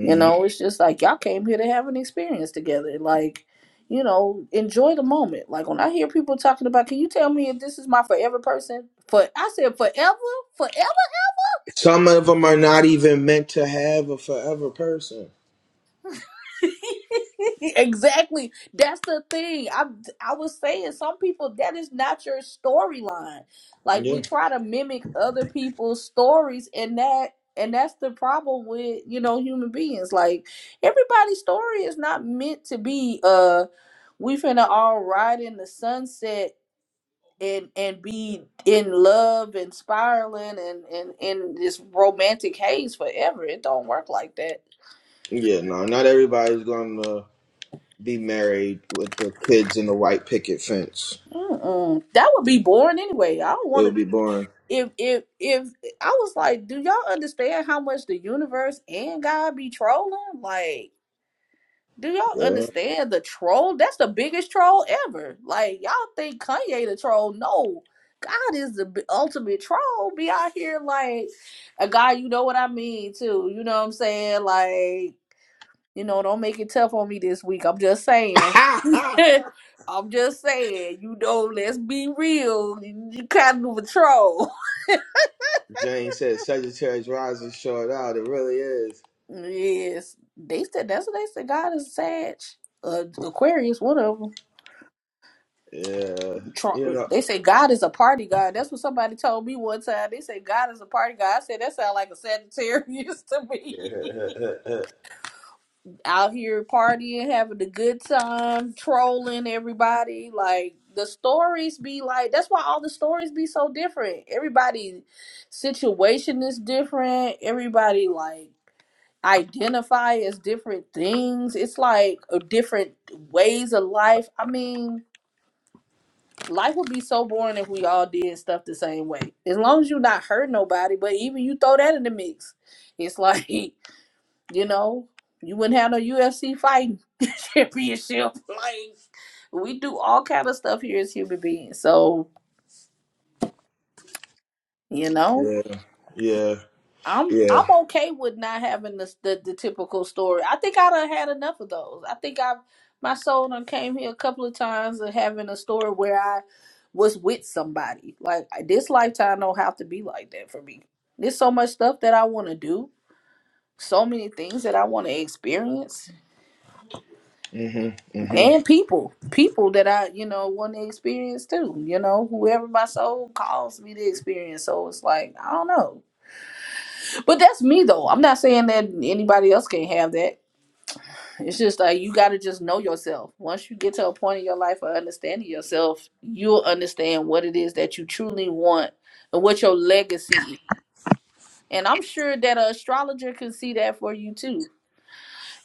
Speaker 1: you know it's just like y'all came here to have an experience together like you know enjoy the moment like when i hear people talking about can you tell me if this is my forever person for i said forever forever
Speaker 2: some of them are not even meant to have a forever person.
Speaker 1: exactly. That's the thing. I I was saying some people that is not your storyline. Like
Speaker 2: Yeah,
Speaker 1: we try to mimic other people's stories and that and that's the problem with, you know, human beings. Like everybody's story is not meant to be uh we finna all ride in the sunset and and be in love and spiraling and and in this romantic haze forever. It don't work like that.
Speaker 2: yeah, no, not everybody's gonna be married with the kids in the white picket fence.
Speaker 1: Mm-mm. That would be boring anyway. I don't
Speaker 2: It would
Speaker 1: want to.
Speaker 2: be boring.
Speaker 1: If if if I was like, do y'all understand how much the universe and God be trolling? Like, do y'all
Speaker 2: Yeah.
Speaker 1: understand the troll? That's the biggest troll ever. Like, y'all think Kanye the troll? No, God is the b- ultimate troll. Be out here like a guy, you know what I mean? Too, you know what I'm saying? Like, you know, don't make it tough on me this week. I'm just saying. I'm just saying, you know, let's be real. You kind of a troll.
Speaker 2: Jane said Sagittarius rising short out. It really is.
Speaker 1: Yes, they said that's what they said. God is a Sag, uh, Aquarius, one of them.
Speaker 2: Yeah, you
Speaker 1: Tro- They say God is a party god. That's what somebody told me one time. They say God is a party god. I said that sounds like a Sagittarius to me.
Speaker 2: know.
Speaker 1: out here partying, having a good time, trolling everybody. Like the stories be like that's why all the stories be so different. Everybody's situation is different. Everybody like identify as different things. It's like a different ways of life. I mean, life would be so boring if we all did stuff the same way. As long as you not hurt nobody, but even you throw that in the mix. It's like, you know, you wouldn't have no UFC fight championship. Like we do all kind of stuff here as human beings. So you know,
Speaker 2: Yeah, yeah,
Speaker 1: I'm
Speaker 2: yeah.
Speaker 1: I'm okay with not having the the, the typical story. I think I've had enough of those. I think I've my soul done came here a couple of times of having a story where I was with somebody. Like this lifetime don't have to be like that for me. There's so much stuff that I want to do, so many things that I want to experience
Speaker 2: Mhm, mhm.
Speaker 1: and people people that i you know want to experience too you know whoever my soul calls me to experience so it's like i don't know but that's me though i'm not saying that anybody else can not have that it's just like you got to just know yourself once you get to a point in your life of understanding yourself you'll understand what it is that you truly want and what your legacy is and i'm sure that an astrologer can see that for you too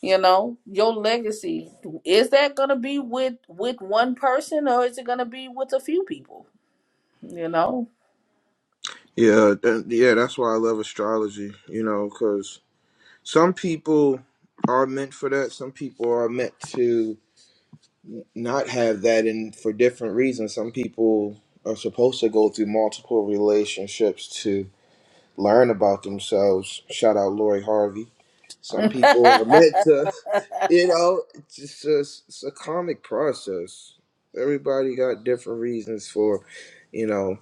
Speaker 1: you know your legacy is that going to be with with one person or is it going to be with a few people you know
Speaker 2: Yeah, that, yeah. That's why I love astrology. You know, because some people are meant for that. Some people are meant to not have that, and for different reasons. Some people are supposed to go through multiple relationships to learn about themselves. Shout out Lori Harvey. Some people are meant to. You know, it's just a, it's a comic process. Everybody got different reasons for, you know,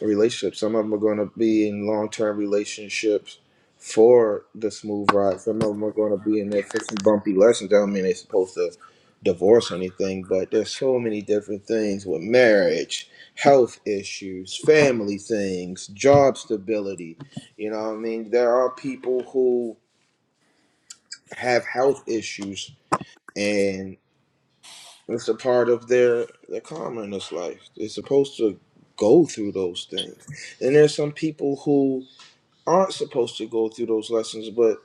Speaker 2: relationships. Some of them are going to be in long term relationships for the smooth ride. Some of them are going to be in there for some bumpy lessons. I don't mean they're supposed to divorce anything, but there's so many different things with marriage, health issues, family things, job stability. You know what I mean? There are people who have health issues and. It's a part of their their karma in this life. They're supposed to go through those things. And there's some people who aren't supposed to go through those lessons, but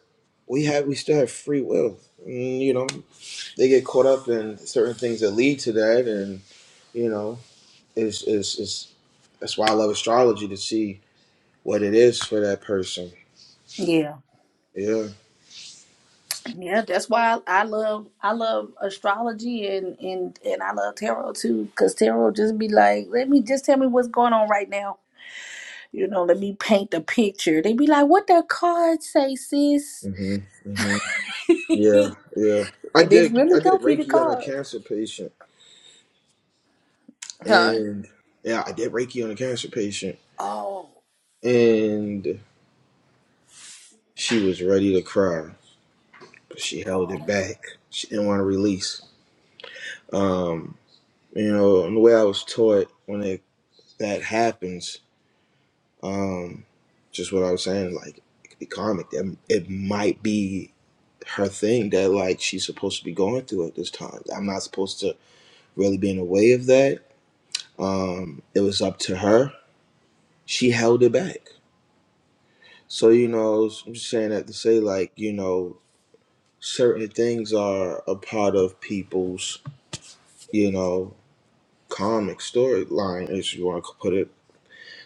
Speaker 2: we have we still have free will. Mm, you know, they get caught up in certain things that lead to that and you know, it's it's, it's that's why I love astrology to see what it is for that person.
Speaker 1: yeah
Speaker 2: Yeah.
Speaker 1: yeah that's why i I love i love astrology and and and i love tarot too because tarot just be like let me just tell me what's going on right now you know let me paint the picture they be like what the cards say sis
Speaker 2: Mhm. Mhm. Yeah.
Speaker 1: and
Speaker 2: Yeah. I
Speaker 1: it
Speaker 2: did I
Speaker 1: really
Speaker 2: did
Speaker 1: don't be the
Speaker 2: Reiki on a
Speaker 1: card
Speaker 2: cancer patient
Speaker 1: huh
Speaker 2: and yeah, I did Reiki on a cancer patient
Speaker 1: oh
Speaker 2: and she was ready to cry, but she held
Speaker 1: oh
Speaker 2: it back. She didn't want to release. Um, you know, and the way I was taught when it, that happens, um, just what I was saying, like it could be karmic. That it might be her thing that like she's supposed to be going through at this time. I'm not supposed to really be in the way of that. Um, it was up to her. She held it back. So you know, I'm just saying that to say like you know certain things are a part of people's, you know, comic storyline, if you want to put it.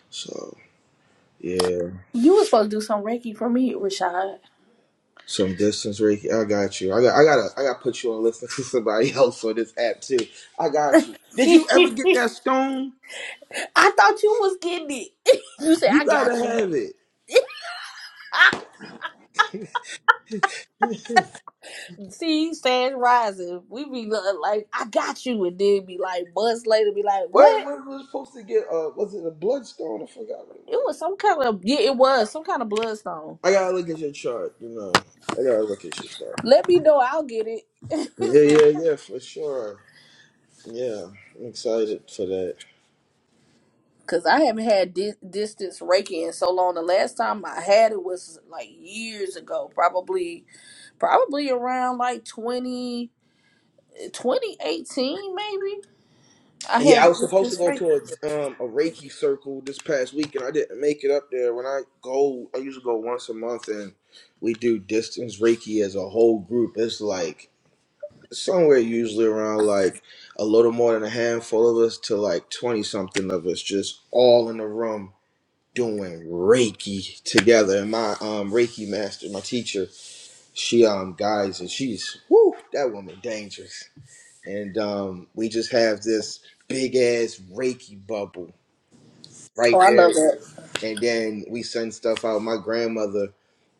Speaker 2: So yeah,
Speaker 1: You was supposed to do some Reiki for me, Rashad.
Speaker 2: some distance, Ricky. I got you. I got. I gotta. I gotta put you on listen to somebody else on this app too. I got you. Did you ever get that
Speaker 1: I
Speaker 2: stone?
Speaker 1: thought you was getting it. you said,
Speaker 2: You
Speaker 1: I
Speaker 2: gotta
Speaker 1: got you.
Speaker 2: have it.
Speaker 1: Ah, See, Sand Rising. We be lo- like, I got you. And then be like, months later, be like,
Speaker 2: Where
Speaker 1: what?
Speaker 2: where was supposed to get? Uh, was it a bloodstone? I forgot what it
Speaker 1: It
Speaker 2: was.
Speaker 1: was some kind of, yeah, it was some kind of bloodstone.
Speaker 2: I gotta look at your chart. You know. I gotta look at your chart.
Speaker 1: Let me know, I'll get it.
Speaker 2: Yeah, yeah, yeah, for sure. Yeah, I'm excited for that.
Speaker 1: Cause I haven't had di- distance Reiki in so long. The last time I had it was like years ago, probably, probably around like 20 2018, maybe. I
Speaker 2: Yeah, I
Speaker 1: had
Speaker 2: was
Speaker 1: this
Speaker 2: supposed to
Speaker 1: this
Speaker 2: go to
Speaker 1: Reiki.
Speaker 2: a um a Reiki circle this past week, and I didn't make it up there. When I go, I usually go once a month, and we do distance Reiki as a whole group. It's like somewhere usually around like a little more than a handful of us to like twenty something of us, just all in the room doing Reiki together. And my um Reiki master, my teacher, she um guys, and she's woo that woman dangerous and um, we just have this big ass Reiki bubble
Speaker 1: Oh,
Speaker 2: right
Speaker 1: I love
Speaker 2: there.
Speaker 1: that.
Speaker 2: And then we send stuff out. My grandmother,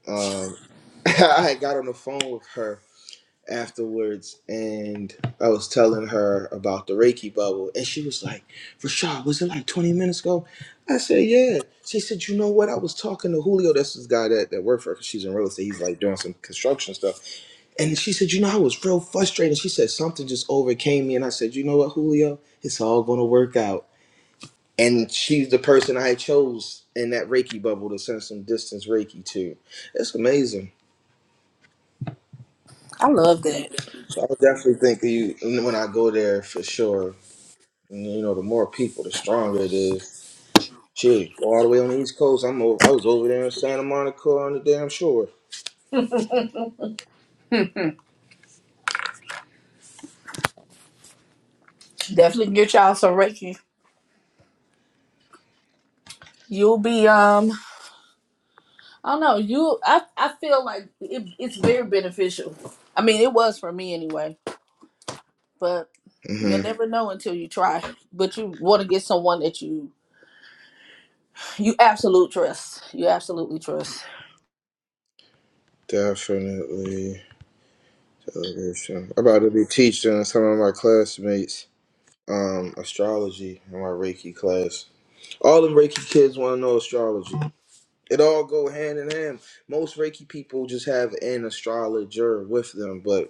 Speaker 2: um, I had got on the phone with her afterwards, and I was telling her about the Reiki bubble, and she was like, "Rashad, was it like 20 minutes ago?" I said, "Yeah." She said, "You know what? I was talking to Julio. That's this guy that that worked for her. 'cause She's in real estate. He's like doing some construction stuff." And she said, You know, I was real frustrated. She said, Something just overcame me. And I said, You know what, Julio? It's all going to work out. And she's the person I chose in that Reiki bubble to send some distance Reiki to. It's amazing.
Speaker 1: I love that.
Speaker 2: So I definitely think that you, when I go there for sure, you know, the more people, the stronger it is. Shit, go all the way on the East Coast. I'm over, I was over there in Santa Monica on the damn shore.
Speaker 1: Definitely get y'all some Reiki. You'll be um I don't know, you I I feel like it, it's very beneficial. I mean it was for me anyway, but
Speaker 2: hmm
Speaker 1: you'll never know until you try. But you wanna get someone that you you absolute trust. You absolutely trust.
Speaker 2: Definitely. Television. I'm about to be teaching some of my classmates. um, astrology in my Reiki class. All them Reiki kids want to know astrology. It all go hand in hand. Most Reiki people just have an astrologer with them, but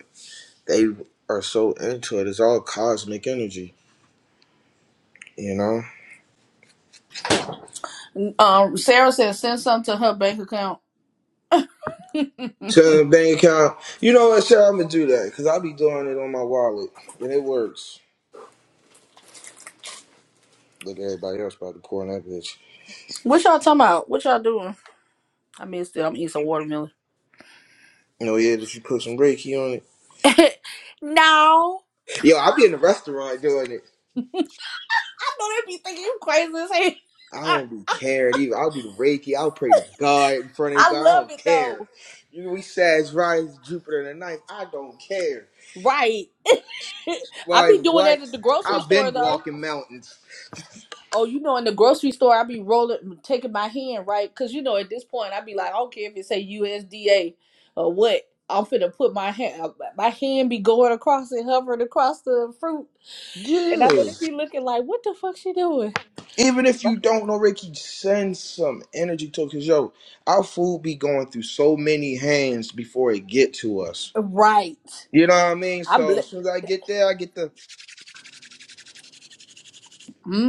Speaker 2: they are so into it. It's all cosmic energy, you know.
Speaker 1: Um Sarah said send some to her bank account.
Speaker 2: So the bank account, you know what? Sure, I'm gonna do that because I'll be doing it on my wallet, and it works. Look, everybody else about to pour in that bitch.
Speaker 1: What y'all talking about? What y'all doing? I missed it. I'm eating some watermelon.
Speaker 2: You know, yeah, that you put some Reiki on it.
Speaker 1: no. I know
Speaker 2: Yo, I'll be in the restaurant doing it.
Speaker 1: they be thinking you crazy as hell.
Speaker 2: I don't be caring either. I'll do the Reiki. I'll pray to God in front of
Speaker 1: I
Speaker 2: everybody. I
Speaker 1: love
Speaker 2: don't
Speaker 1: it
Speaker 2: care.
Speaker 1: though.
Speaker 2: You know, we Sag, Rise, Jupiter, and the ninth. I don't care.
Speaker 1: Right. I
Speaker 2: Why,
Speaker 1: be doing
Speaker 2: what?
Speaker 1: that at the grocery
Speaker 2: I've
Speaker 1: store
Speaker 2: been
Speaker 1: though.
Speaker 2: walking mountains.
Speaker 1: Oh, you know, in the grocery store, I be rolling, taking my hand right, cause you know, at this point, I be like, I don't care if it say USDA or what. I'm finna put my hand, my hand be going across and hovering across the fruit, and
Speaker 2: Yeah.
Speaker 1: I know they be looking like, what the fuck she doing?
Speaker 2: Even if you don't know Reiki, send some energy to it. Because, yo, our food be going through so many hands before it get to us.
Speaker 1: Right.
Speaker 2: You know what I mean?
Speaker 1: I bl-
Speaker 2: So as soon as I get there, I get the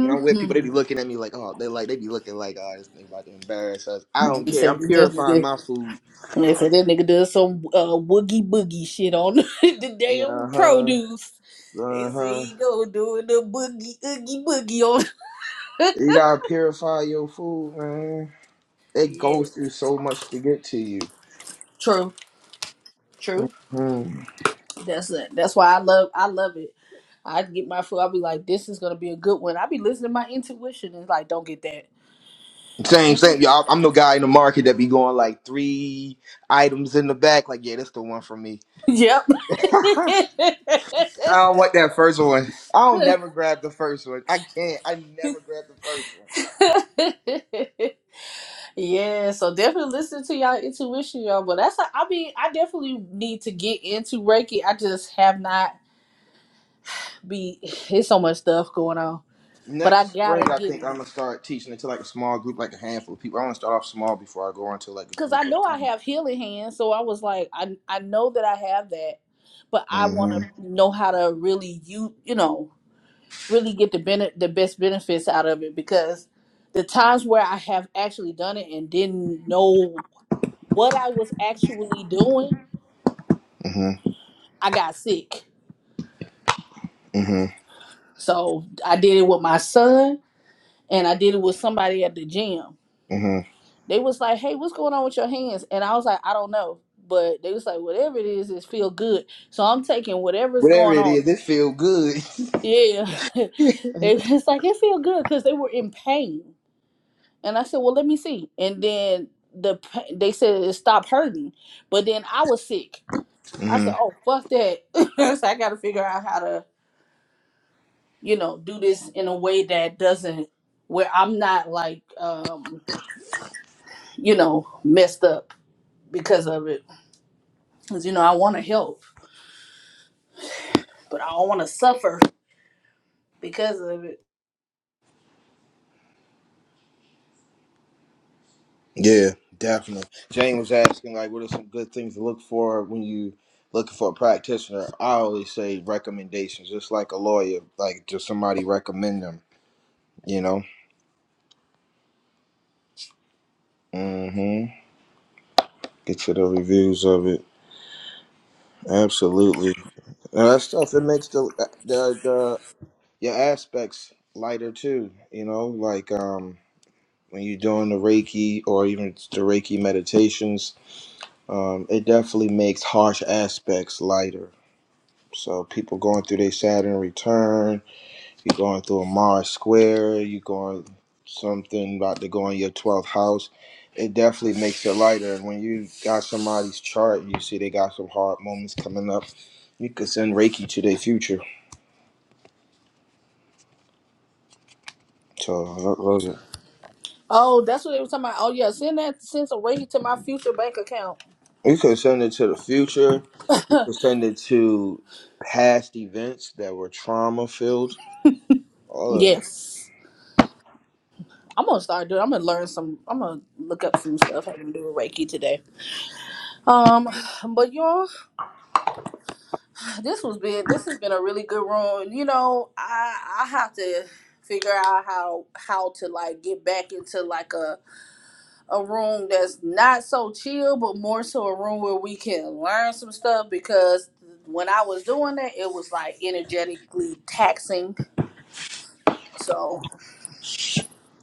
Speaker 2: when I'm with people, they be looking at me like, oh, they like they be looking like, oh, this thing about to embarrass us. I don't care. I'm purifying my food.
Speaker 1: They said that nigga does some uh, woogie boogie shit on the
Speaker 2: Yeah,
Speaker 1: damn
Speaker 2: huh,
Speaker 1: produce. They
Speaker 2: uh
Speaker 1: said
Speaker 2: huh.
Speaker 1: he go doing the boogie oogie boogie on.
Speaker 2: You gotta purify your food, man. It goes
Speaker 1: Yes,
Speaker 2: through so much to get to you.
Speaker 1: true, true.
Speaker 2: Hmm.
Speaker 1: That's it. That's why I love. I love it. I get my food. I'll be like, this is gonna be a good one. I be listening to my intuition and it's like, don't get that.
Speaker 2: Same, same. Y'all, I'm the guy in the market that be going like three items in the back. Like, yeah, that's the one for me. I don't want that first one. I don't never grab the first one. I can't. I never grab the first one.
Speaker 1: Yep. Yeah, so definitely listen to y'all intuition, y'all. But that's a, I mean, I definitely need to get into Reiki. I just have not be. It's so much stuff going on, but I
Speaker 2: Next
Speaker 1: gotta
Speaker 2: spring, I
Speaker 1: get
Speaker 2: think I'm
Speaker 1: it
Speaker 2: gonna start teaching it to like a small group, like a handful of people. I want to start off small before I go into like a
Speaker 1: because
Speaker 2: group
Speaker 1: I
Speaker 2: of
Speaker 1: know I
Speaker 2: 20.
Speaker 1: have healing hands. So I was like, I I know that I have that, but I want
Speaker 2: Mm-hmm.
Speaker 1: to know how to really you you know really get the bene- the best benefits out of it because the times where I have actually done it and didn't know what I was actually doing,
Speaker 2: Mm-hmm.
Speaker 1: I got sick.
Speaker 2: Mm-hmm.
Speaker 1: So I did it with my son and I did it with somebody at the gym.
Speaker 2: Mm-hmm.
Speaker 1: They was like, Hey, what's going on with your hands? And I was like, I don't know. But they was like, Whatever it is, it feel good. So I'm taking whatever's
Speaker 2: Whatever
Speaker 1: going
Speaker 2: it
Speaker 1: on.
Speaker 2: is, it feel good.
Speaker 1: Yeah. It- it's like it feel good because they were in pain. And I said, Well, let me see. And then the pa- they said it stopped hurting. But then I was sick. I
Speaker 2: hmm
Speaker 1: said, Oh fuck that. so I gotta figure out how to you know, do this in a way that doesn't where I'm not like um, you know, messed up because of it. Cuz you know, I want to help, but I don't want to suffer because of it.
Speaker 2: Yeah, definitely. Jane was asking like, what are some good things to look for when you looking for a practitioner? I always say recommendations, just like a lawyer, like just somebody recommend them. You know. hmm Get to the reviews of it. Absolutely. And that stuff it makes the uh, the the your aspects lighter too. You know, like um when you're doing the Reiki or even the Reiki meditations Um, it definitely makes harsh aspects lighter. So people going through their Saturn return, you going through a Mars square, you going something about to go in your twelfth house. It definitely makes it lighter. And when you got somebody's chart, you see they got some hard moments coming up. You could send Reiki to their future. So I lo- love
Speaker 1: Oh, that's what they were talking about. Oh yeah, send that send some way to my future bank account.
Speaker 2: it. You could send it to the future. You could send it to past events that were trauma filled. Or,
Speaker 1: yes. I'm gonna start doing. I'm gonna learn some. I'm gonna look up some stuff having to do with Reiki today. Um, but y'all. This was been this has been a really good room. You know, I I have to figure out how how to like get back into like a a room that's not so chill, but more so a room where we can learn some stuff because when I was doing that, it was like energetically taxing. So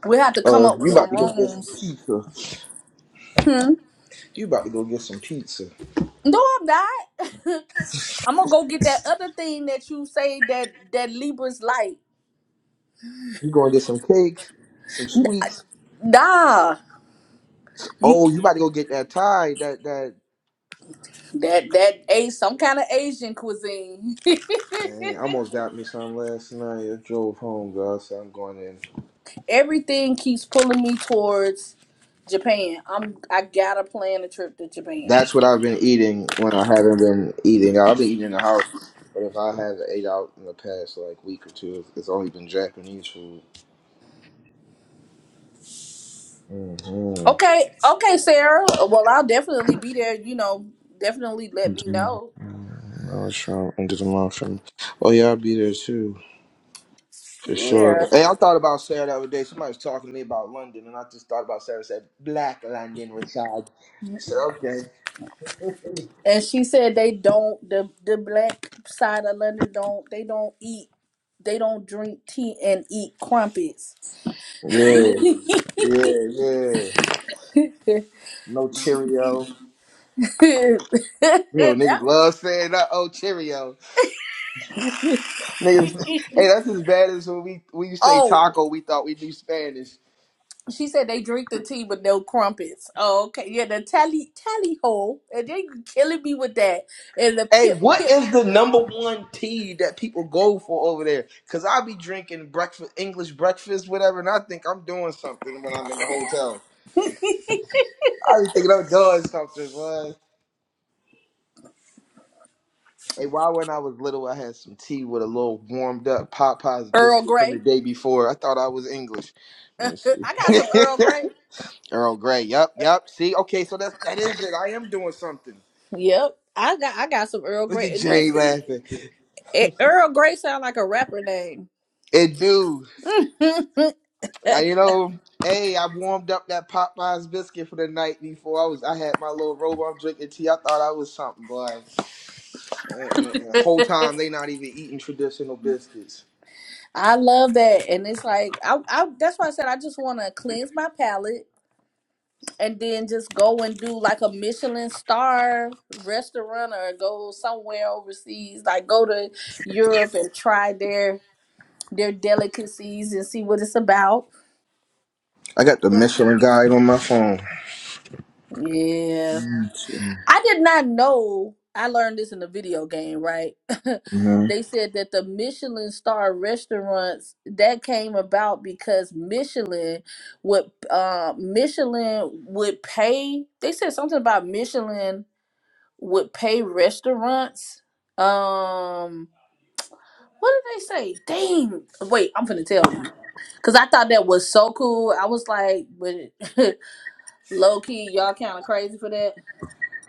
Speaker 1: we have to come
Speaker 2: or
Speaker 1: up with
Speaker 2: you about
Speaker 1: some
Speaker 2: to go get some
Speaker 1: rooms.
Speaker 2: pizza.
Speaker 1: Hmm.
Speaker 2: You about to go get some pizza.
Speaker 1: No, I'm not. I'm gonna go get that other thing that you say that that Libras like.
Speaker 2: You going to get some cake, some sweets.
Speaker 1: Nah. you
Speaker 2: Oh, you about to go get that tie. That that.
Speaker 1: That that a some kind of Asian cuisine.
Speaker 2: Man, I almost got me some last night. I drove home, guys. So I'm going in.
Speaker 1: Everything keeps pulling me towards Japan. I'm I gotta plan a trip to Japan.
Speaker 2: That's what I've been eating when I haven't been eating. I've been eating in the house, but if I have ate out in the past like week or two, it's it's only been Japanese food. Mm-hmm.
Speaker 1: Okay, okay, Sarah. Well, I'll definitely be there. You know, definitely let me know.
Speaker 2: I was trying to enter the mouth. Oh yeah, I'll be there too. For
Speaker 1: Yeah.
Speaker 2: sure. Hey, I thought about Sarah the other day. Somebody was talking to me about London, and I just thought about Sarah. Said Black London, Rashad. Said okay.
Speaker 1: And she said they don't the the black side of London don't they don't eat they don't drink tea and eat crumpets.
Speaker 2: Yeah, yeah, yeah. No Cheerio. You know, niggas
Speaker 1: That-
Speaker 2: love saying that. Oh, Cheerio. niggas, hey, that's as bad as when we we used to say
Speaker 1: oh
Speaker 2: taco. We thought we knew Spanish.
Speaker 1: She said they drink the tea with no crumpets. Oh, okay. Yeah, the tally tally hole. And they killing me with that. And the
Speaker 2: Hey,
Speaker 1: pip
Speaker 2: what
Speaker 1: pip
Speaker 2: is the number one tea that people go for over there? Cause I be drinking breakfast, English breakfast, whatever, and I think I'm doing something when I'm in the hotel. I be thinking I'm doing something, boy. Hey, why when I was little, I had some tea with a little warmed up Popeye's
Speaker 1: Earl
Speaker 2: biscuit from the
Speaker 1: Grey.
Speaker 2: day before. I thought I was English. Let
Speaker 1: I
Speaker 2: me
Speaker 1: got some Earl
Speaker 2: see.
Speaker 1: Grey.
Speaker 2: Earl Grey. Yup, yup. See, okay, so that's that is it. I am doing something.
Speaker 1: Yep. I got I got some Earl
Speaker 2: Look
Speaker 1: Grey.
Speaker 2: at
Speaker 1: And
Speaker 2: Jay
Speaker 1: Listen,
Speaker 2: laughing.
Speaker 1: it, Earl Grey sound like a rapper name.
Speaker 2: It do. I, you know, hey, I warmed up that Popeye's biscuit for the night before. I was, I had my little robe. I'm drinking tea. I thought I was something, boy. Uh, uh, uh, Whole time they not even eating traditional biscuits.
Speaker 1: I love that. And it's like I, I that's why I said I just wanna cleanse my palate and then just go and do like a Michelin star restaurant or go somewhere overseas, like go to Europe and try there their delicacies and see what it's about.
Speaker 2: I got the
Speaker 1: You know.
Speaker 2: Michelin guide on my phone.
Speaker 1: Yeah.
Speaker 2: Mm-hmm.
Speaker 1: I did not know. I learned this in a video game, right? they said that the Michelin star restaurants that came about because Michelin would uh, Michelin would pay. They said something about Michelin would pay restaurants. Um, what did they say? Dang! Wait, I'm finna tell you because I thought that was so cool. I was like, but. Low key, y'all kind of crazy for that.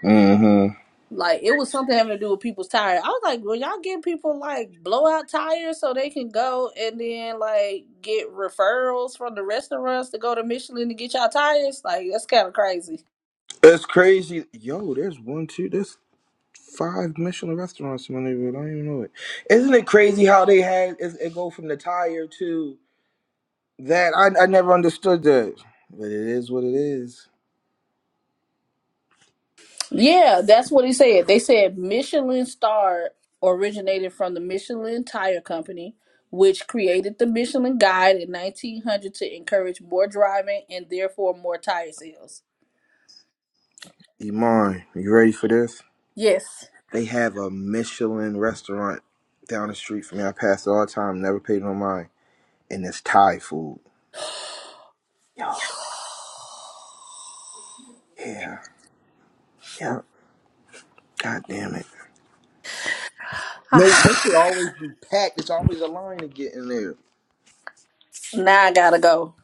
Speaker 2: hmm
Speaker 1: Like it was something having to do with people's tires. I was like, will y'all give people like blowout tires so they can go and then like get referrals from the restaurants to go to Michelin to get y'all tires. Like that's kind of crazy.
Speaker 2: It's crazy. Yo, there's one, two, there's five Michelin restaurants in my neighborhood. I don't even know it. Isn't it crazy how they had it, it go from the tire to that? I, I never understood that. But it is what it is.
Speaker 1: Yeah, that's what he said. They said Michelin star originated from the Michelin Tire Company, which created the Michelin Guide in 1900 to encourage more driving and therefore more tire sales.
Speaker 2: Iman, you ready for this?
Speaker 1: Yes.
Speaker 2: They have a Michelin restaurant down the street from me. I pass it all the time, never paid no mind. And it's Thai food. Yup. Yeah. Yup. God damn it. No, that should always be packed. It's always a line to get in there.
Speaker 1: Now I gotta go.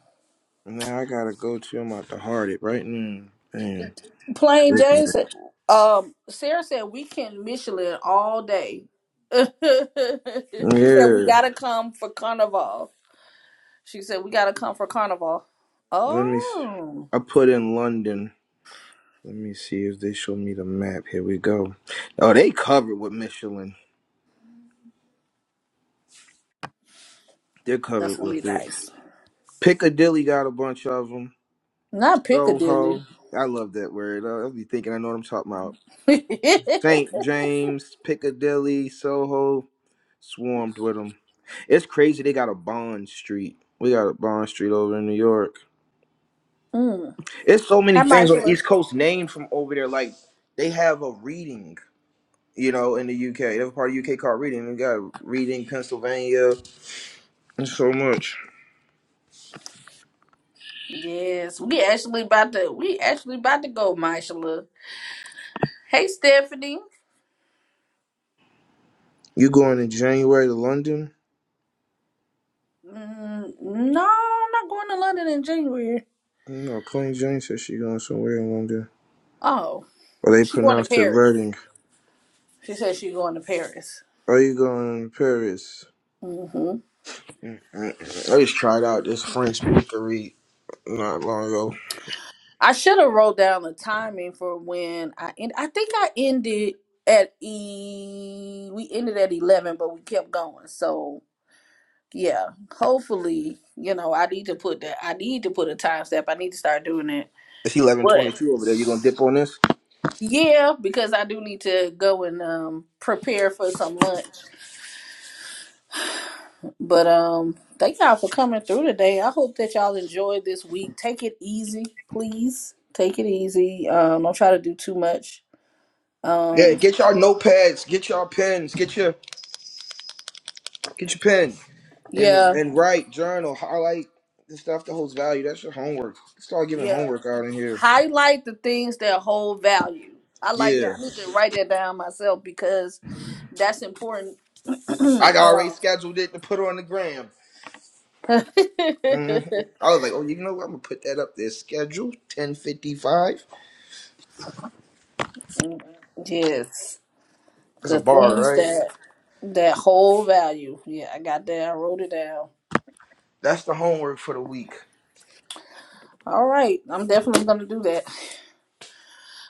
Speaker 2: Now I gotta go to. I'm about to heart it right now. Damn.
Speaker 1: Plain Jane said, um, Sarah said we can Michelin all day. she said we
Speaker 2: Yeah.
Speaker 1: gotta come for carnival. She said we gotta come for carnival.
Speaker 2: Let me. s-
Speaker 1: Oh,
Speaker 2: I put in London. Let me see if they show me the map. Here we go. Oh, they covered with Michelin. They're
Speaker 1: that's
Speaker 2: covered
Speaker 1: gonna be
Speaker 2: with it.
Speaker 1: nice.
Speaker 2: Piccadilly got a bunch of them.
Speaker 1: Not Piccadilly.
Speaker 2: Soho. I love that word. I'll be thinking I know what I'm talking about.
Speaker 1: mm.
Speaker 2: St. James, Piccadilly, Soho, swarmed with them. It's crazy. They got a Bond Street. We got a Bond Street over in New York.
Speaker 1: Hi,
Speaker 2: It's so many things on the
Speaker 1: Marshala.
Speaker 2: East Coast named from over there. Like they have a reading, you know, in the UK. They have a part of UK called reading. We got reading Pennsylvania and so much.
Speaker 1: Yes, we actually about to we actually about to go, Marshala. Hey, Stephanie.
Speaker 2: You going in January to London?
Speaker 1: Mm, no, I'm not going to London in January.
Speaker 2: No, Queen Jane said she going somewhere in London.
Speaker 1: Oh,
Speaker 2: Or they
Speaker 1: she going to
Speaker 2: pronounced it
Speaker 1: Paris.
Speaker 2: Reading.
Speaker 1: She said she going to Paris.
Speaker 2: Are you going to Paris?
Speaker 1: hmm
Speaker 2: I just tried out this French speaker read not long ago.
Speaker 1: I should have wrote down the timing for when I end. I think I ended at e. We ended at eleven, but we kept going. So yeah, hopefully, you know, I need to put that. I need to put a time step. I need to start doing it.
Speaker 2: It's eleven twenty
Speaker 1: But
Speaker 2: two over there. You gonna dip on this?
Speaker 1: yeah, because I do need to go and um prepare for some lunch. But um, thank y'all for coming through today. I hope that y'all enjoyed this week. Take it easy, please. Take it easy. Um, don't try to do too much.
Speaker 2: Yeah,
Speaker 1: Um,
Speaker 2: get y'all notepads, get y'all pens, get your get your pen and
Speaker 1: yeah,
Speaker 2: and write, journal, highlight the stuff that holds value. That's your homework. Start giving
Speaker 1: yeah.
Speaker 2: homework out in here.
Speaker 1: Highlight the things that hold value. I like
Speaker 2: Yeah.
Speaker 1: that. I need to write that down myself because that's important.
Speaker 2: I already
Speaker 1: um,
Speaker 2: scheduled it to put on the gram. hmm I was like, oh, you know what? I'm gonna put that up there. Schedule ten fifty five.
Speaker 1: yes,
Speaker 2: That's a
Speaker 1: the
Speaker 2: bar,
Speaker 1: things
Speaker 2: right?
Speaker 1: that that whole value. Yeah, I got that. I wrote it down.
Speaker 2: That's the homework for the week.
Speaker 1: All right, I'm definitely gonna do that.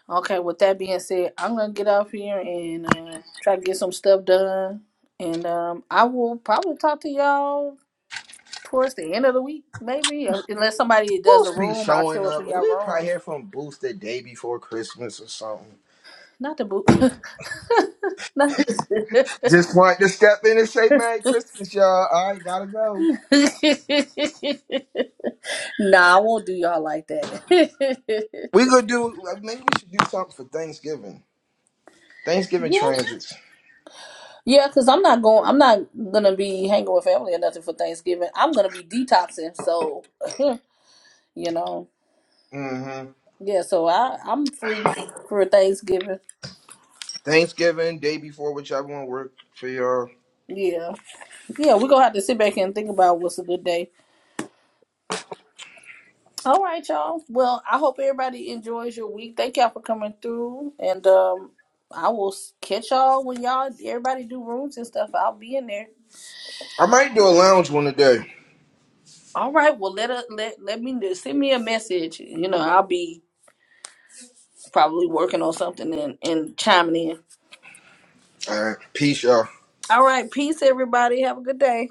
Speaker 1: Okay, with that being said, I'm gonna get off here and uh, try to get some stuff done, and um, I will probably talk to y'all towards the end of the week, maybe, or unless somebody does a
Speaker 2: Boost be
Speaker 1: room, I'll
Speaker 2: showing
Speaker 1: show up
Speaker 2: up.
Speaker 1: in y'all
Speaker 2: We
Speaker 1: room.
Speaker 2: probably hear from Boost the day before Christmas or something.
Speaker 1: Not the boot. Not-
Speaker 2: Just want to step in and say Merry Christmas, y'all. All right, gotta go.
Speaker 1: nah, I won't do y'all like that.
Speaker 2: We gonna do. Maybe we should do something for Thanksgiving. Thanksgiving
Speaker 1: yeah,
Speaker 2: transits.
Speaker 1: yeah, cause I'm not going. I'm not gonna be hanging with family or nothing for Thanksgiving. I'm gonna be detoxing, so you know.
Speaker 2: Mm-hmm.
Speaker 1: Yeah, so I I'm free for Thanksgiving.
Speaker 2: Thanksgiving day before, whichever one work for y'all.
Speaker 1: Yeah, yeah, we're gonna have to sit back and think about what's a good day. All right, y'all. Well, I hope everybody enjoys your week. Thank y'all for coming through, and um, I will s- catch y'all when y'all everybody do rooms and stuff. I'll be in there.
Speaker 2: I might do a lounge one today.
Speaker 1: All right. Well, let us let let me know. send me a message. You know, I'll be probably working on something and and chiming in.
Speaker 2: All right, peace, y'all.
Speaker 1: All right. Peace, everybody. Have a good day.